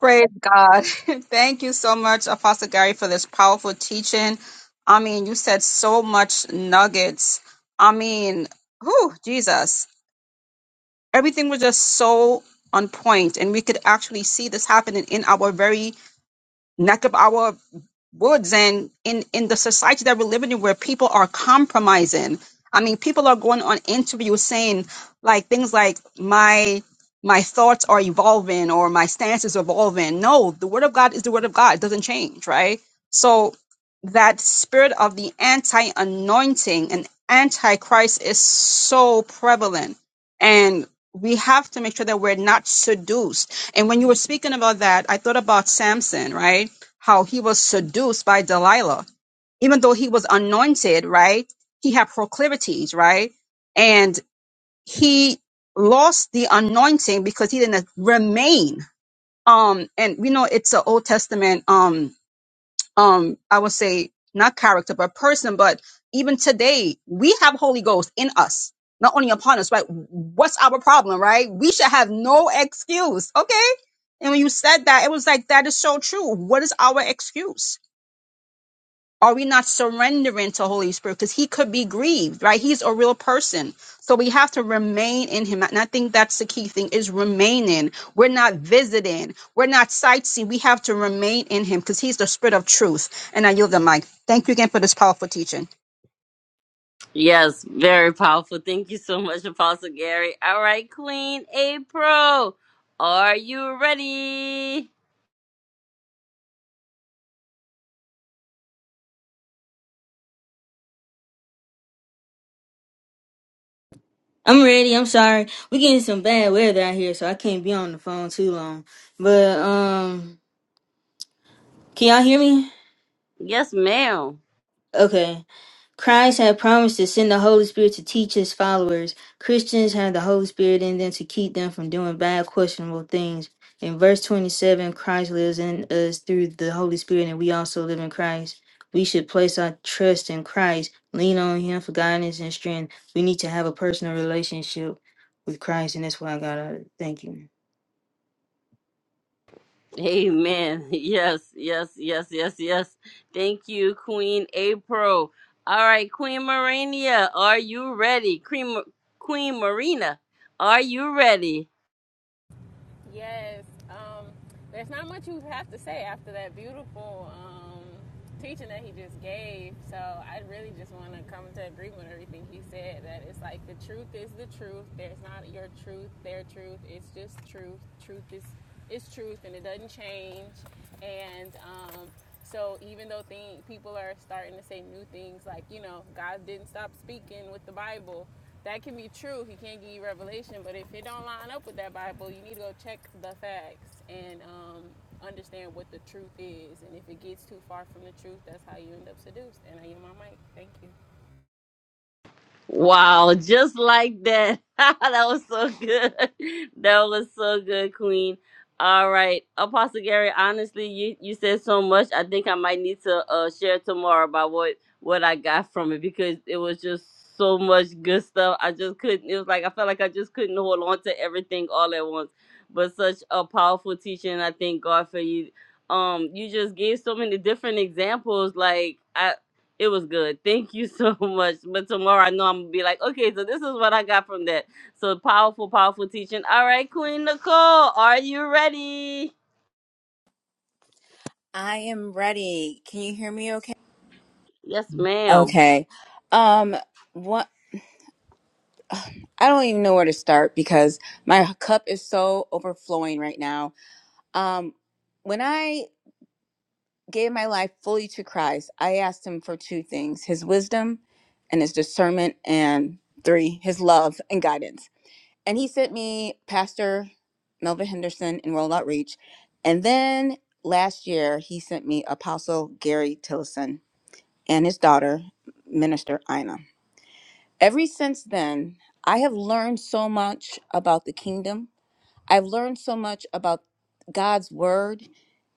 Speaker 2: Praise God. [LAUGHS] Thank you so much, Apostle Gary, for this powerful teaching. I mean, you said so much nuggets. I mean, whew, Jesus. Everything was just so on point, and we could actually see this happening in our very neck of our woods and in in the society that we're living in where people are compromising i mean people are going on interviews saying like things like my my thoughts are evolving or my stance is evolving no the word of god is the word of god it doesn't change right so that spirit of the anti-anointing and antichrist is so prevalent and we have to make sure that we're not seduced and when you were speaking about that i thought about samson right how he was seduced by Delilah. Even though he was anointed, right? He had proclivities, right? And he lost the anointing because he didn't remain. Um, and we know it's an Old Testament, um, um, I would say not character, but person. But even today, we have Holy Ghost in us, not only upon us, right? What's our problem, right? We should have no excuse, okay? And when you said that, it was like, that is so true. What is our excuse? Are we not surrendering to Holy Spirit? Because he could be grieved, right? He's a real person. So we have to remain in him. And I think that's the key thing is remaining. We're not visiting. We're not sightseeing. We have to remain in him because he's the spirit of truth. And I yield the mic. Thank you again for this powerful teaching.
Speaker 1: Yes, very powerful. Thank you so much, Apostle Gary. All right, Queen April, are you ready?
Speaker 6: I'm ready. I'm sorry. We getting some bad weather out here, so I can't be on the phone too long. But um, can y'all hear me?
Speaker 1: Yes, ma'am.
Speaker 6: Okay. Christ had promised to send the Holy Spirit to teach his followers. Christians have the Holy Spirit in them to keep them from doing bad, questionable things. In verse 27, Christ lives in us through the Holy Spirit, and we also live in Christ. We should place our trust in Christ, lean on Him for guidance and strength. We need to have a personal relationship with Christ, and that's why I got out of it. Thank you.
Speaker 1: Amen. [LAUGHS] Yes, yes, yes, yes, yes. Thank you, Queen April. All right, Queen Marina, are you ready? Queen, Queen Marina, are you ready?
Speaker 5: Yes. Um, there's not much you have to say after that beautiful um, teaching that he just gave. So I really just want to come to agreement with everything he said. That it's like the truth is the truth. There's not your truth, their truth. It's just truth. Truth is is truth, and it doesn't change. And um, So even though thing, people are starting to say new things like, you know, God didn't stop speaking with the Bible, that can be true. He can't give you revelation, but if it don't line up with that Bible, you need to go check the facts and um, understand what the truth is. And if it gets too far from the truth, that's how you end up seduced. And I yield my mic. Thank you.
Speaker 1: Wow, just like that. [LAUGHS] that was so good. [LAUGHS] That was so good, Queen. All right, Apostle Gary. Honestly, you you said so much. I think I might need to uh share tomorrow about what what I got from it because it was just so much good stuff. I just couldn't. It was like I felt like I just couldn't hold on to everything all at once. But such a powerful teaching. I thank God for you. Um, you just gave so many different examples. Like I. It was good. Thank you so [LAUGHS] much. But tomorrow I know I'm gonna be like, okay, so this is what I got from that. So powerful, powerful teaching. All right, Queen Nicole, are you ready?
Speaker 7: I am ready. Can you hear me okay?
Speaker 1: Yes, ma'am.
Speaker 7: Okay. Um what I don't even know where to start because my cup is so overflowing right now. Um when I gave my life fully to Christ, I asked him for two things, his wisdom and his discernment and three, his love and guidance. And he sent me Pastor Melvin Henderson in World Outreach. And then last year he sent me Apostle Gary Tillison and his daughter, Minister Ina. Ever since then, I have learned so much about the kingdom. I've learned so much about God's word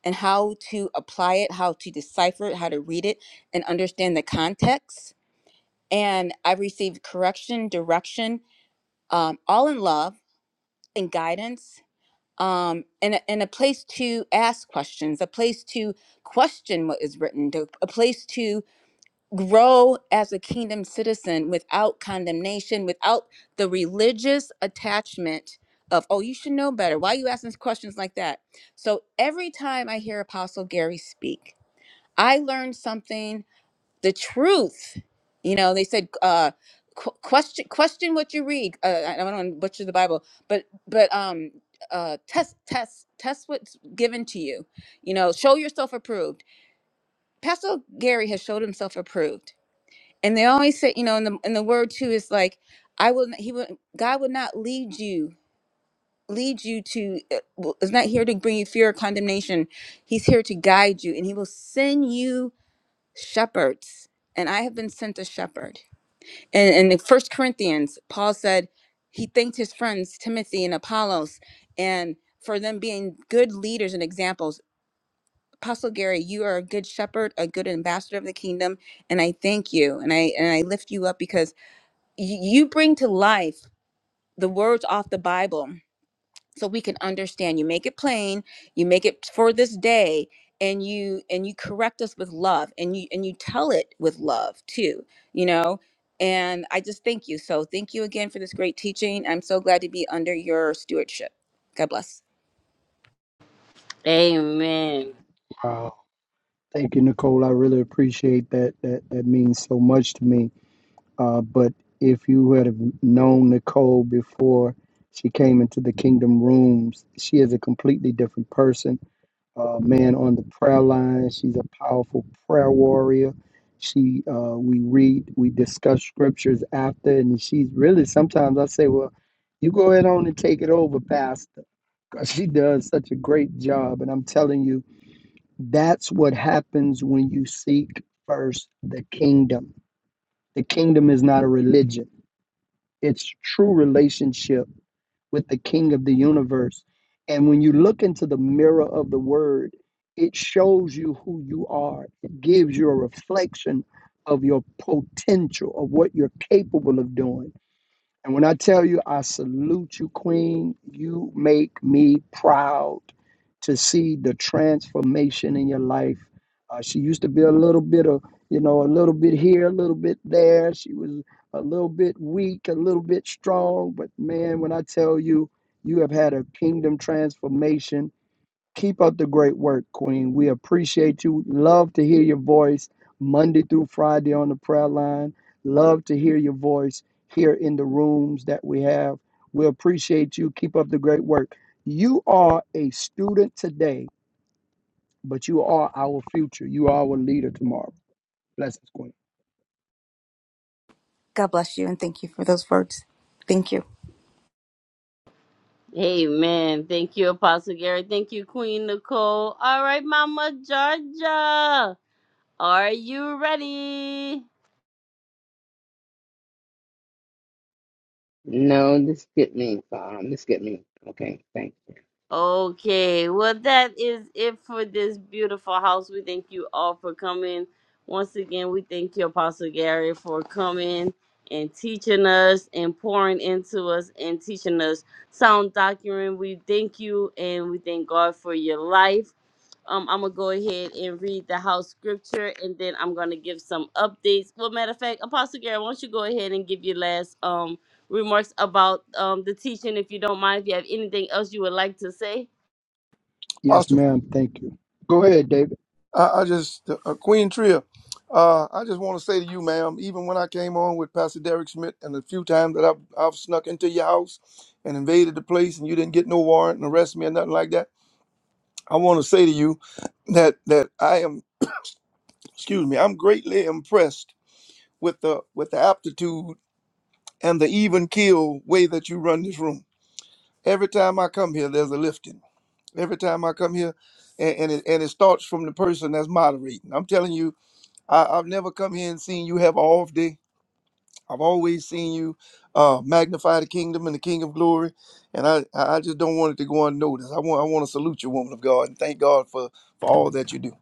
Speaker 7: and how to apply it, how to decipher it, how to read it, and understand the context. And I've received correction, direction, um, all in love and guidance, um, and, a, and a place to ask questions, a place to question what is written, to- a place to grow as a kingdom citizen without condemnation, without the religious attachment of, oh, you should know better. Why are you asking questions like that? So every time I hear Apostle Gary speak, I learn something, the truth. You know, they said, uh, qu- question question what you read uh, i I don't want to butcher the bible but but um uh test test test what's given to you you know show yourself approved pastor gary has showed himself approved and they always say you know in the in the word too is like i will he would god would not lead you lead you to uh, w- is not here to bring you fear or condemnation he's here to guide you and he will send you shepherds and i have been sent a shepherd and and in first corinthians paul said he thanked his friends timothy and apollos and for them being good leaders and examples apostle gary you are a good shepherd a good ambassador of the kingdom and i thank you and i and i lift you up because y- you bring to life the words off the Bible so we can understand. You make it plain, you make it for this day, and you and you correct us with love and you and you tell it with love too, you know? And I just thank you. So thank you again for this great teaching. I'm so glad to be under your stewardship. God bless.
Speaker 1: Amen.
Speaker 3: Wow. Thank you, Nicole. I really appreciate that. That that means so much to me Uh, but if you had have known Nicole before she came into the Kingdom Rooms, she is a completely different person. Uh, man on the prayer line, she's a powerful prayer warrior. She, uh, we read, we discuss scriptures after, and she's really sometimes I say, well, you go ahead on and take it over, Pastor, because she does such a great job. And I'm telling you, that's what happens when you seek first the kingdom. The kingdom is not a religion its true relationship with the king of the universe. And when you look into the mirror of the word, it shows you who you are. It gives you a reflection of your potential, of what you're capable of doing. And when I tell you, I salute you, Queen, you make me proud to see the transformation in your life. Uh, she used to be a little bit of, you know, a little bit here, a little bit there. She was a little bit weak, a little bit strong. But man, when I tell you, you have had a kingdom transformation Keep up the great work, Queen. We appreciate you. Love to hear your voice Monday through Friday on the prayer line. Love to hear your voice here in the rooms that we have. We appreciate you. Keep up the great work. You are a student today, but you are our future. You are our leader tomorrow. Blessings, Queen.
Speaker 7: God bless you and thank you for those words. Thank you.
Speaker 1: Amen. Thank you, Apostle Gary. Thank you, Queen Nicole. All right, Mama Georgia. Are you ready?
Speaker 8: No, this get me. Um, this get me. Okay, thanks.
Speaker 1: Okay, well, that is it for this beautiful house. We thank you all for coming. Once again, we thank you, Apostle Gary, for coming and teaching us and pouring into us and teaching us sound doctrine. We thank you and we thank God for your life. Um, I'm gonna go ahead and read the house scripture, and then I'm gonna give some updates. Well, matter of fact, Apostle Gary, why don't you go ahead and give your last um remarks about um the teaching, if you don't mind. If you have anything else you would like to say.
Speaker 3: Yes,
Speaker 4: Austin,
Speaker 3: ma'am. Thank you. Go ahead, David.
Speaker 4: I, I just uh, Queen Tria. Uh, I just want to say to you, ma'am, even when I came on with Pastor Derek Schmidt and the few times that I've, I've snuck into your house and invaded the place and you didn't get no warrant and arrest me or nothing like that, I want to say to you that that I am, excuse me, I'm greatly impressed with the with the aptitude and the even keel way that you run this room. Every time I come here, there's a lifting. every time I come here, and and it, and it starts from the person that's moderating. I'm telling you, I, I've never come here and seen you have an off day. I've always seen you uh, magnify the kingdom and the King of Glory, and I I I just don't want it to go unnoticed. I want I want to salute you, woman of God, and thank God for for all that you do.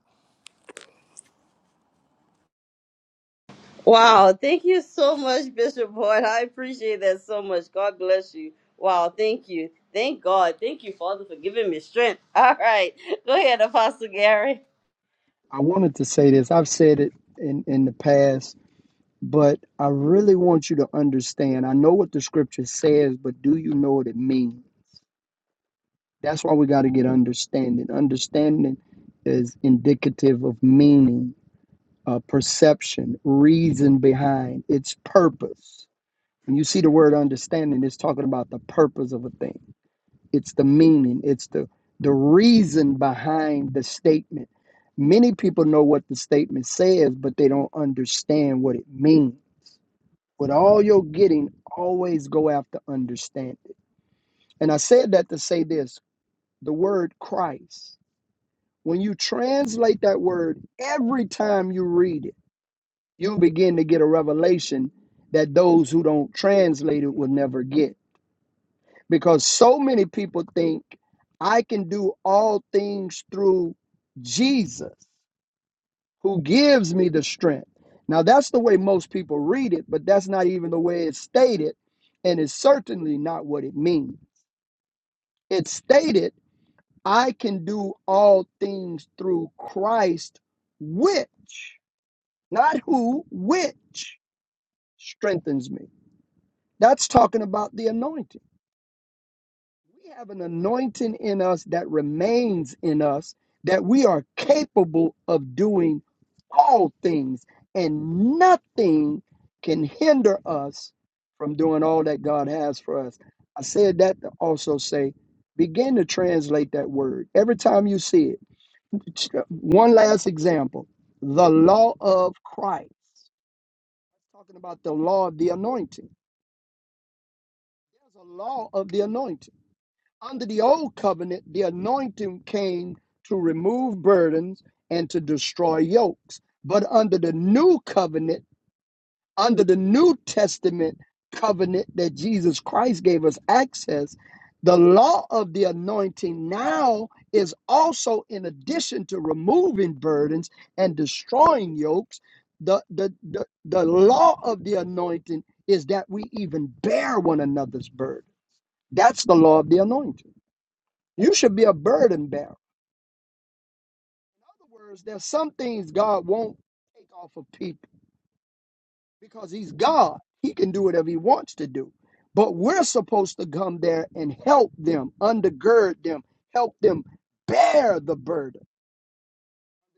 Speaker 1: Wow, thank you so much, Bishop Boyd. I appreciate that so much. God bless you. Wow, thank you. Thank God. Thank you, Father, for giving me strength. [LAUGHS] All right, go ahead, Apostle Gary.
Speaker 3: I wanted to say this. I've said it in, in the past But I really want you to understand. I know what the scripture says, but do you know what it means? That's why we got to get understanding. Understanding is indicative of meaning, uh, perception, reason behind its purpose. When you see the word understanding, it's talking about the purpose of a thing. It's the meaning. It's the the reason behind the statement. Many people know what the statement says, but they don't understand what it means with all your getting, always go after understanding. And I said that to say this the word Christ, when you translate that word every time you read it, you begin to get a revelation that those who don't translate it will never get. Because so many people think I can do all things through Jesus. who gives me the strength. Now, that's the way most people read it, but that's not even the way it's stated, and it's certainly not what it means. It's stated, I can do all things through Christ, which, not who, which strengthens me. That's talking about the anointing. We have an anointing in us that remains in us that we are capable of doing all things, and nothing can hinder us from doing all that God has for us. I said that to also say, begin to translate that word every time you see it. One last example the law of Christ. Talking about the law of the anointing. There's a law of the anointing Under the old covenant, the anointing came to remove burdens and to destroy yokes. But under the new covenant, under the New Testament covenant that Jesus Christ gave us access, the law of the anointing now is also in addition to removing burdens and destroying yokes. The, the, the, the law of the anointing is that we even bear one another's burden. That's the law of the anointing. You should be a burden bearer. In other words, there's some things God won't take off of people because He's God. He can do whatever He wants to do. But we're supposed to come there and help them, undergird them, help them bear the burden.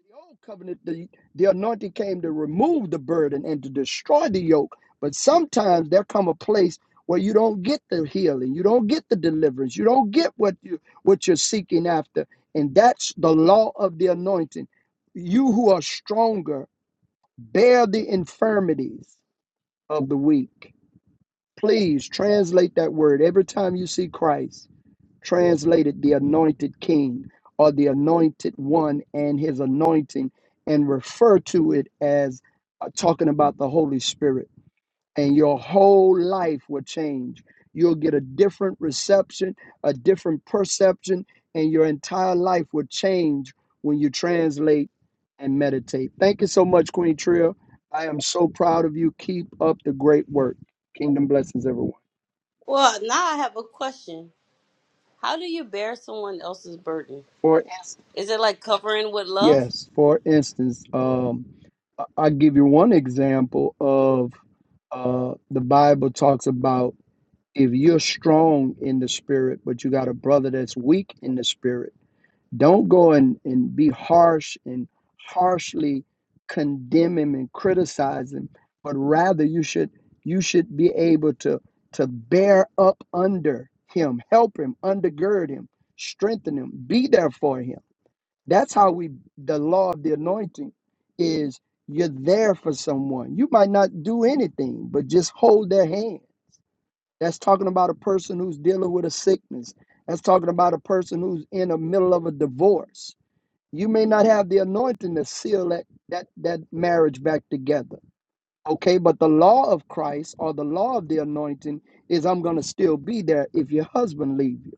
Speaker 3: The old covenant, the, the anointing came to remove the burden and to destroy the yoke. But sometimes there come a place where you don't get the healing, you don't get the deliverance, you don't get what you what you're seeking after. And that's the law of the anointing. You who are stronger, bear the infirmities of the weak. Please translate that word every time you see Christ translated the anointed king or the anointed one and his anointing and refer to it as uh, talking about the Holy Spirit. And your whole life will change. You'll get a different reception, a different perception, and your entire life will change when you translate and meditate. Thank you so much, Queen Tria. I am so proud of you. Keep up the great work. Kingdom blessings, everyone.
Speaker 1: Well, now I have a question. How do you bear someone else's burden?
Speaker 3: For instance.
Speaker 1: Is it like covering with love?
Speaker 3: Yes, for instance, um, I- I'll give you one example of uh, the Bible talks about if you're strong in the spirit, but you got a brother that's weak in the spirit, don't go and, and be harsh and harshly condemn him and criticize him, but rather you should you should be able to to bear up under him, help him, undergird him, strengthen him, be there for him that's how we, the law of the anointing is you're there for someone. You might not do anything, but just hold their hand. That's talking about a person who's dealing with a sickness. That's talking about a person who's in the middle of a divorce. You may not have the anointing to seal that, that, that marriage back together. Okay, but the law of Christ or the law of the anointing is I'm going to still be there if your husband leaves you.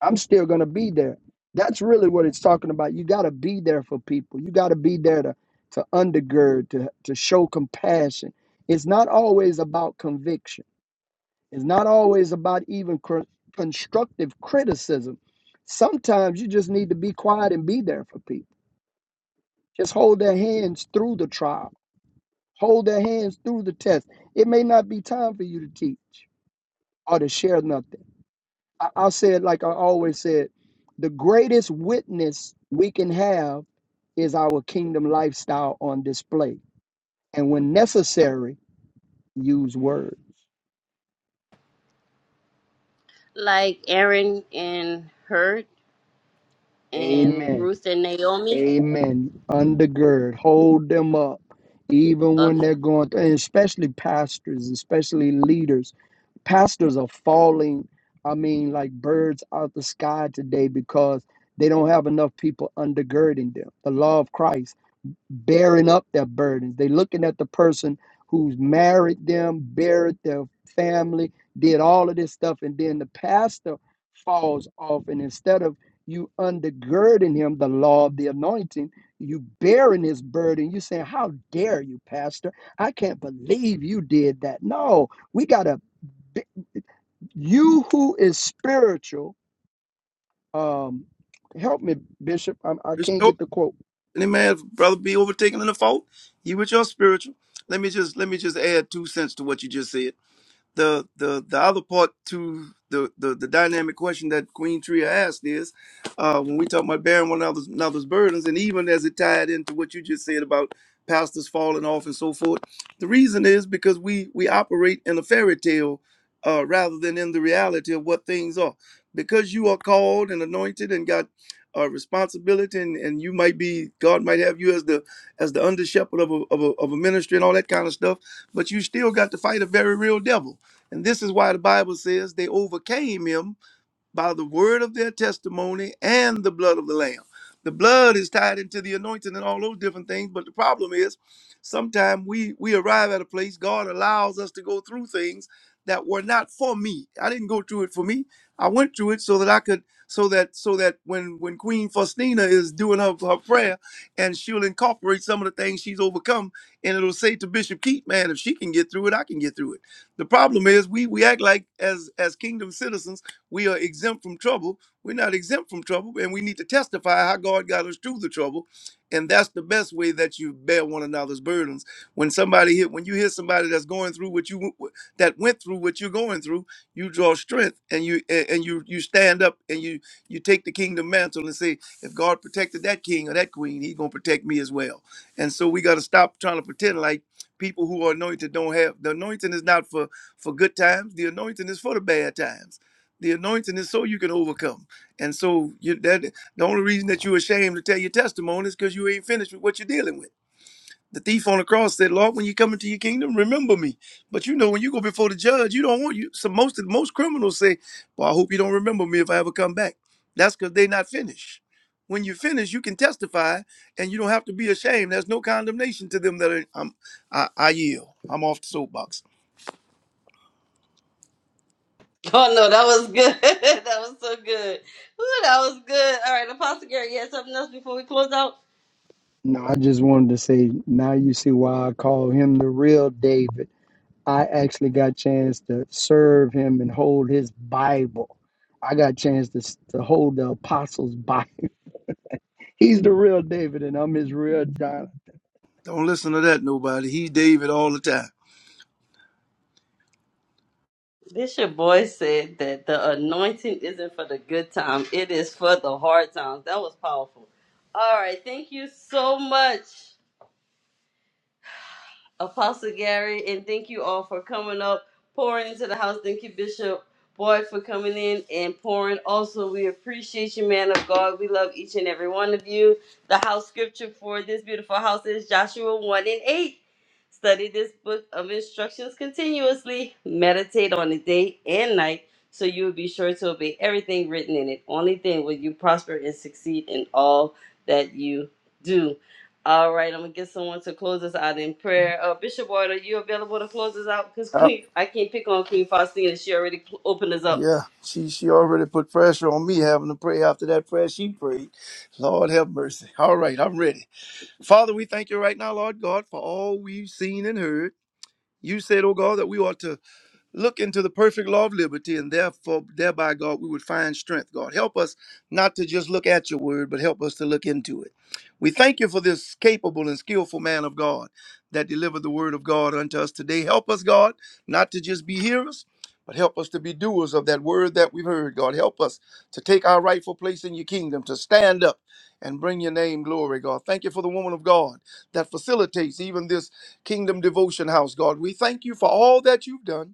Speaker 3: I'm still going to be there. That's really what it's talking about. You got to be there for people. You got to be there to to undergird, to to show compassion. It's not always about conviction. It's not always about even cr- constructive criticism. Sometimes you just need to be quiet and be there for people. Just hold their hands through the trial. Hold their hands through the test. It may not be time for you to teach or to share nothing I- I'll say it like I always said the greatest witness we can have is our kingdom lifestyle on display. And when necessary, use words.
Speaker 1: like Aaron and Hurt and
Speaker 3: Amen.
Speaker 1: Ruth and Naomi.
Speaker 3: Amen. Undergird, hold them up, even when
Speaker 1: Okay. [LAUGHS]
Speaker 3: they're going through, and especially pastors, especially leaders. Pastors are falling, I mean, like birds out the sky today because they don't have enough people undergirding them. The law of Christ. bearing up their burdens. They're looking at the person who's married them, buried their family, did all of this stuff, and then the pastor falls off. And instead of you undergirding him, the law of the anointing, you bearing his burden. You saying, "How dare you, pastor? I can't believe you did that." No, we gotta. You who is spiritual, um, help me, Bishop. I'm, I i can not
Speaker 4: Restore
Speaker 3: get the quote
Speaker 4: any man, brother, be overtaken in the fault. You with your spiritual. Let me just let me just add two cents to what you just said. the the the other part to the the, the dynamic question that Queen Tria asked is uh, when we talk about bearing one another's, another's burdens, and even as it tied into what you just said about pastors falling off and so forth, the reason is because we we operate in a fairy tale uh, rather than in the reality of what things are. Because you are called and anointed and got a responsibility, and, and you might be God might have you as the as the under shepherd of a, of a of a ministry and all that kind of stuff, but you still got to fight a very real devil and this is why the Bible says they overcame him by the word of their testimony and the blood of the lamb. The blood is tied into the anointing and all those different things, but the problem is sometimes we we arrive at a place God allows us to go through things that were not for me. I didn't go through it for me. I went through it so that I could so that so that when when Queen Faustina is doing her, her prayer and she'll incorporate some of the things she's overcome and it'll say to Bishop Keith, man, if she can get through it, I can get through it. The problem is we we act like as as kingdom citizens we are exempt from trouble. We're not exempt from trouble, and we need to testify how God got us through the trouble. And that's the best way that you bear one another's burdens. When somebody hit, when you hear somebody that's going through what you that went through what you're going through, you draw strength and you and you you stand up and you you take the kingdom mantle and say, if God protected that king or that queen, He's gonna protect me as well. And so we got to stop trying to pretend like people who are anointed don't have the anointing is not for for good times. The anointing is for the bad times the anointing is so you can overcome. And so you, that the only reason that you're ashamed to tell your testimony is because you ain't finished with what you're dealing with. The thief on the cross said, "Lord, when you come into your kingdom, remember me." But you know, when you go before the judge, you don't want you. So most of most criminals say, "Well, I hope you don't remember me if I ever come back." That's because they're not finished. When you finish, you can testify, and you don't have to be ashamed. There's no condemnation to them that are, I'm, I, I yield. I'm off the soapbox.
Speaker 1: Oh no, that was good. [LAUGHS] that was so good. Ooh, that was good. All right, Apostle Gary, you had something else before we close out?
Speaker 3: No, I just wanted to say now you see why I call him the real David. I actually got chance to serve him and hold his Bible. I got chance to, s- to hold the apostles' Bible. [LAUGHS] He's the real David, and I'm his real Jonathan.
Speaker 4: Don't listen to that nobody. He's David all the time.
Speaker 1: Bishop Boy said that the anointing isn't for the good time, it is for the hard times. That was powerful. All right, thank you so much. Apostle Gary, and thank you all for coming up, pouring into the house. Thank you, Bishop Boyd, for coming in and pouring. Also, we appreciate you, man of God. We love each and every one of you. The house scripture for this beautiful house is Joshua 1 and 8. Study this book of instructions continuously, meditate on it day and night, so you will be sure to obey everything written in it. Only then will you prosper and succeed in all that you do. All right, I'm gonna get someone to close us out in prayer. Uh, Bishop Ward, are you available to close us out? Because Queen, I can't pick on Queen Faustina. She already cl- opened us up.
Speaker 4: Yeah, she she already put pressure on me having to pray after that prayer she prayed. Lord have mercy. All right, I'm ready. Father, we thank you right now, Lord God, for all we've seen and heard. You said, oh God, that we ought to look into the perfect law of liberty and therefore thereby god we would find strength god help us not to just look at your word but help us to look into it we thank you for this capable and skillful man of god that delivered the word of god unto us today help us god not to just be hearers but help us to be doers of that word that we've heard god help us to take our rightful place in your kingdom to stand up and bring your name glory god thank you for the woman of god that facilitates even this kingdom devotion house god we thank you for all that you've done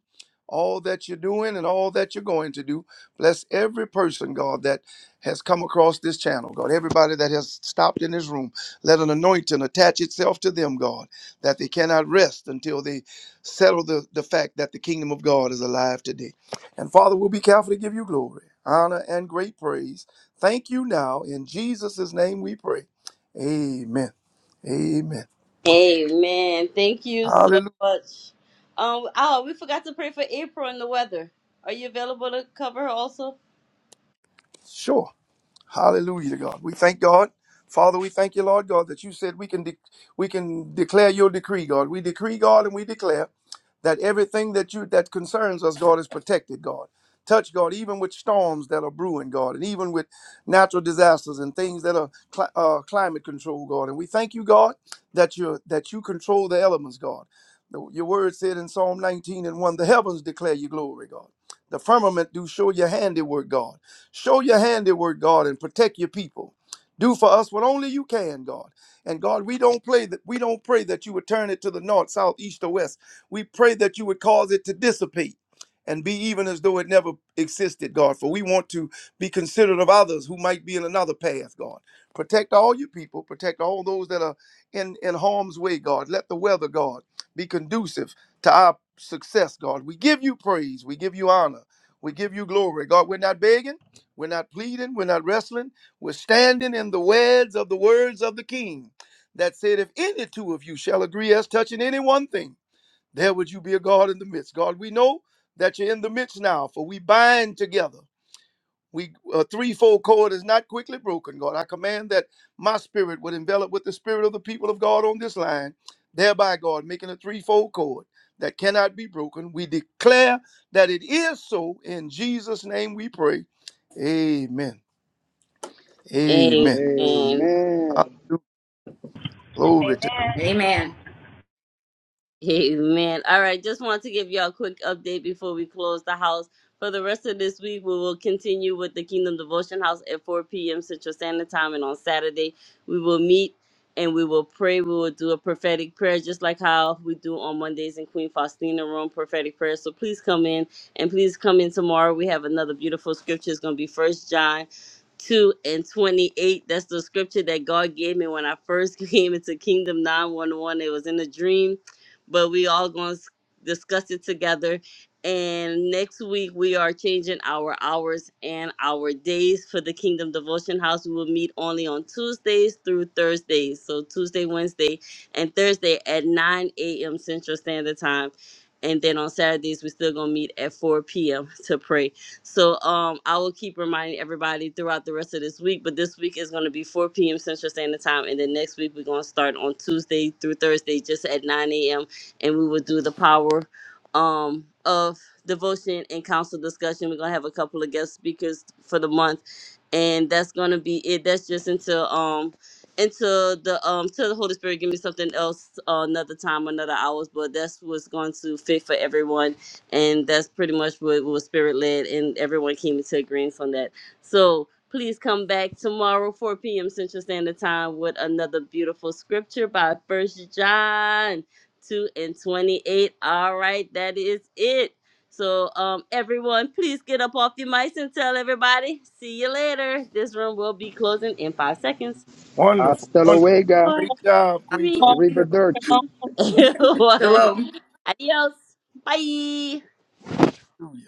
Speaker 4: all that you're doing and all that you're going to do. Bless every person, God, that has come across this channel, God. Everybody that has stopped in this room, let an anointing attach itself to them, God, that they cannot rest until they settle the, the fact that the kingdom of God is alive today. And Father, we'll be careful to give you glory, honor, and great praise. Thank you now. In Jesus' name we pray. Amen. Amen.
Speaker 1: Amen. Thank you so
Speaker 4: Hallelujah.
Speaker 1: much. Um, oh, we forgot to pray for April and the weather. Are you available to cover her also?
Speaker 4: Sure. Hallelujah to God. We thank God. Father, we thank you, Lord God, that you said we can de- we can declare your decree, God. We decree, God, and we declare that everything that you that concerns us, God, is protected, God. Touch, God, even with storms that are brewing, God, and even with natural disasters and things that are cli- uh, climate control, God. And we thank you, God, that you that you control the elements, God. The- Your word said in Psalm 19 and 1, the heavens declare your glory, God. The firmament do show your handiwork, God. Show your handiwork, God, and protect your people. Do for us what only you can, God. And God, we don't play that we don't pray that you would turn it to the north, south, east, or west. We pray that you would cause it to dissipate and be even as though it never existed, God. For we want to be considerate of others who might be in another path, God. Protect all your people, protect all those that are in, in harm's way, God. Let the weather, God, be conducive to our success, God. We give you praise. We give you honor. We give you glory. God, we're not begging. We're not pleading, we're not wrestling. We're standing in the words of the words of the king that said, If any two of you shall agree as touching any one thing, there would you be a God in the midst. God, we know that you're in the midst now, for we bind together. We a threefold cord is not quickly broken, God. I command that my spirit would envelop with the spirit of the people of God on this line, thereby, God, making a threefold cord that cannot be broken. We declare that it is so. In Jesus' name we pray. Amen. Amen.
Speaker 1: Amen.
Speaker 3: Amen.
Speaker 4: Hallelujah. Glory to God.
Speaker 7: Amen.
Speaker 1: Amen. All right, just want to give y'all a quick update before we close the house. For the rest of this week, we will continue with the Kingdom Devotion House at 4 p.m. Central Standard Time, and on Saturday, we will meet and we will pray. We will do a prophetic prayer, just like how we do on Mondays in Queen Faustina Room, prophetic prayer. So please come in and please come in tomorrow. We have another beautiful scripture. It's going to be First John 2 and 28. That's the scripture that God gave me when I first [LAUGHS] came into Kingdom 911. It was in a dream but we all going to discuss it together. And next week we are changing our hours and our days for the Kingdom Devotion House. We will meet only on Tuesdays through Thursdays, so Tuesday, Wednesday, and Thursday at 9 a.m. Central Standard Time. And then on Saturdays we're still gonna meet at 4 p.m. to pray. So um, I will keep reminding everybody throughout the rest of this week, but this week is going to be 4 p.m. Central Standard Time, and then next week we're going to start on Tuesday through Thursday, just at 9 a.m and we will do the power um, of devotion and council discussion. We're gonna have a couple of guest speakers for the month and that's gonna be it. That's just until um until the um till the Holy Spirit give me something else uh, another time, another hours. But that's what's going to fit for everyone, and that's pretty much what was Spirit led, and everyone came into agreement on that. So please come back tomorrow 4 p.m. Central Standard Time with another beautiful scripture by First John. 2 and 28. All right, that is it. So, um, everyone, please get up off your mics and tell everybody. See you later. This room will be closing in five seconds.
Speaker 4: Wonderful.
Speaker 3: Hasta
Speaker 4: Wonderful.
Speaker 3: luego.
Speaker 1: Four,
Speaker 4: Great job, Queen
Speaker 1: three,
Speaker 4: Tria.
Speaker 3: Arrivederci.
Speaker 1: [LAUGHS] two, one.
Speaker 7: Shalom.
Speaker 1: Adios. Bye.
Speaker 4: Hallelujah.